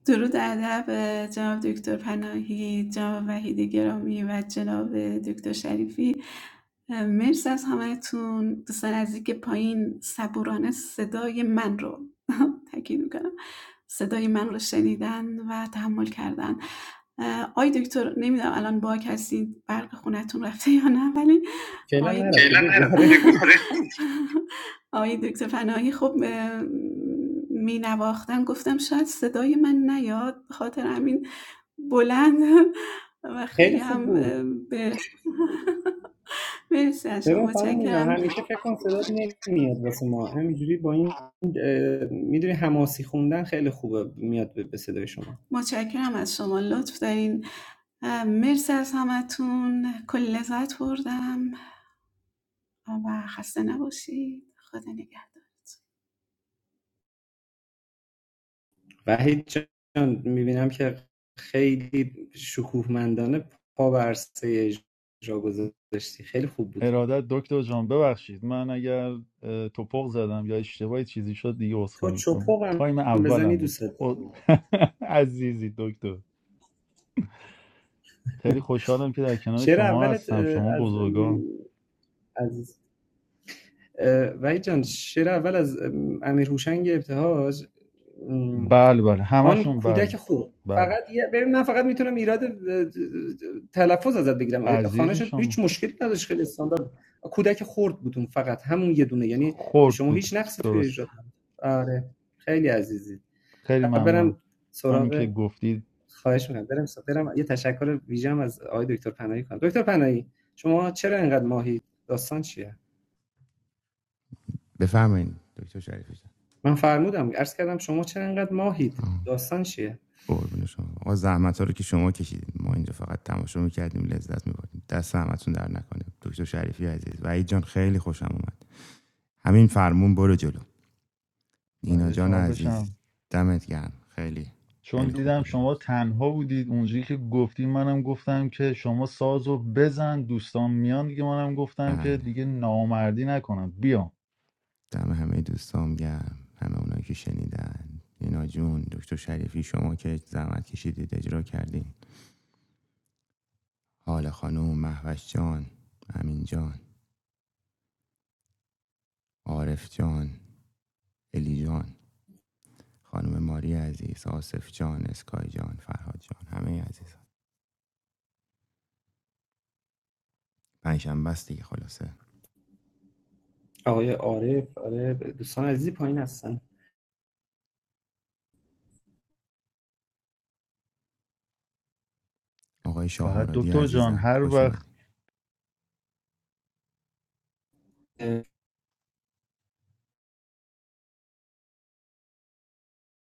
Speaker 9: درود ادب جناب دکتر پناهی جناب وحید گرامی و جناب دکتر شریفی مرسی از همهتون دوستان عزیزی که پایین صبورانه صدای من رو [laughs] تاکید میکنم صدای من رو شنیدن و تحمل کردن آی دکتر نمیدونم الان باک هستید برق خونتون رفته یا نه ولی آی فعلا نرفته بگو [laughs] آقای دکتر پناهی خب مینواختن گفتم شاید صدای من نیاد خاطر همین بلند و خیلی هم به [laughs] مرسی از شما متشکرم متشکرم از شما لطف دارین مرسی از همتون کل لذت بردم و خسته نباشید خدا نگهدار
Speaker 7: ارادت دکتر جان ببخشید من اگر اه، توپق زدم یا اشتباهی چیزی شد دیگه عذرخواهی میکنم تایم اولم بود [laughs] عزیزی دکتر خیلی خوشحالم که در کنار شما هستم شما بزرگان بله بله همشون بله بله عزیزی شما خورد بود درست خیلی ممنونم همین که گفتید
Speaker 6: بفهمین دکتر شریفی جان. قربون شما آقا زحمت ها رو که شما کشیدید ما اینجا فقط تماشا میکردیم لذت میبردیم دست زحمتتون در نکنه دکتر شریفی عزیز وحید جان خیلی خوشم اومد همین فرمون برو جلو نینا
Speaker 7: فدای
Speaker 6: جان
Speaker 7: شما
Speaker 6: عزیز
Speaker 7: بشم
Speaker 6: دمت گرم خیلی
Speaker 7: چون
Speaker 6: خیلی خوب
Speaker 7: دیدم
Speaker 6: بود
Speaker 7: شما
Speaker 6: امروز
Speaker 7: تنها بودید اونجایی که گفتید منم گفتم که شما سازو بزن دوستان میان دیگه منم گفتم که
Speaker 6: بله
Speaker 7: دیگه نامردی نکنم بیام
Speaker 6: دم همه دوستام گرم همه اونایی که شنیدن نینا جون دکتر شریفی شما که زحمت کشیدید اجرا کردین حال خانم محوش جان امین جان عارف جان الی جان خانم ماری عزیز آصف جان اسکای جان فرهاد جان همه عزیزان پنجشنبه است دیگه خلاصه آقای شاه
Speaker 7: فقط
Speaker 6: مرادی
Speaker 7: دکتر جان
Speaker 6: عزیزم
Speaker 7: هر
Speaker 6: خوش
Speaker 7: وقت
Speaker 6: اومدی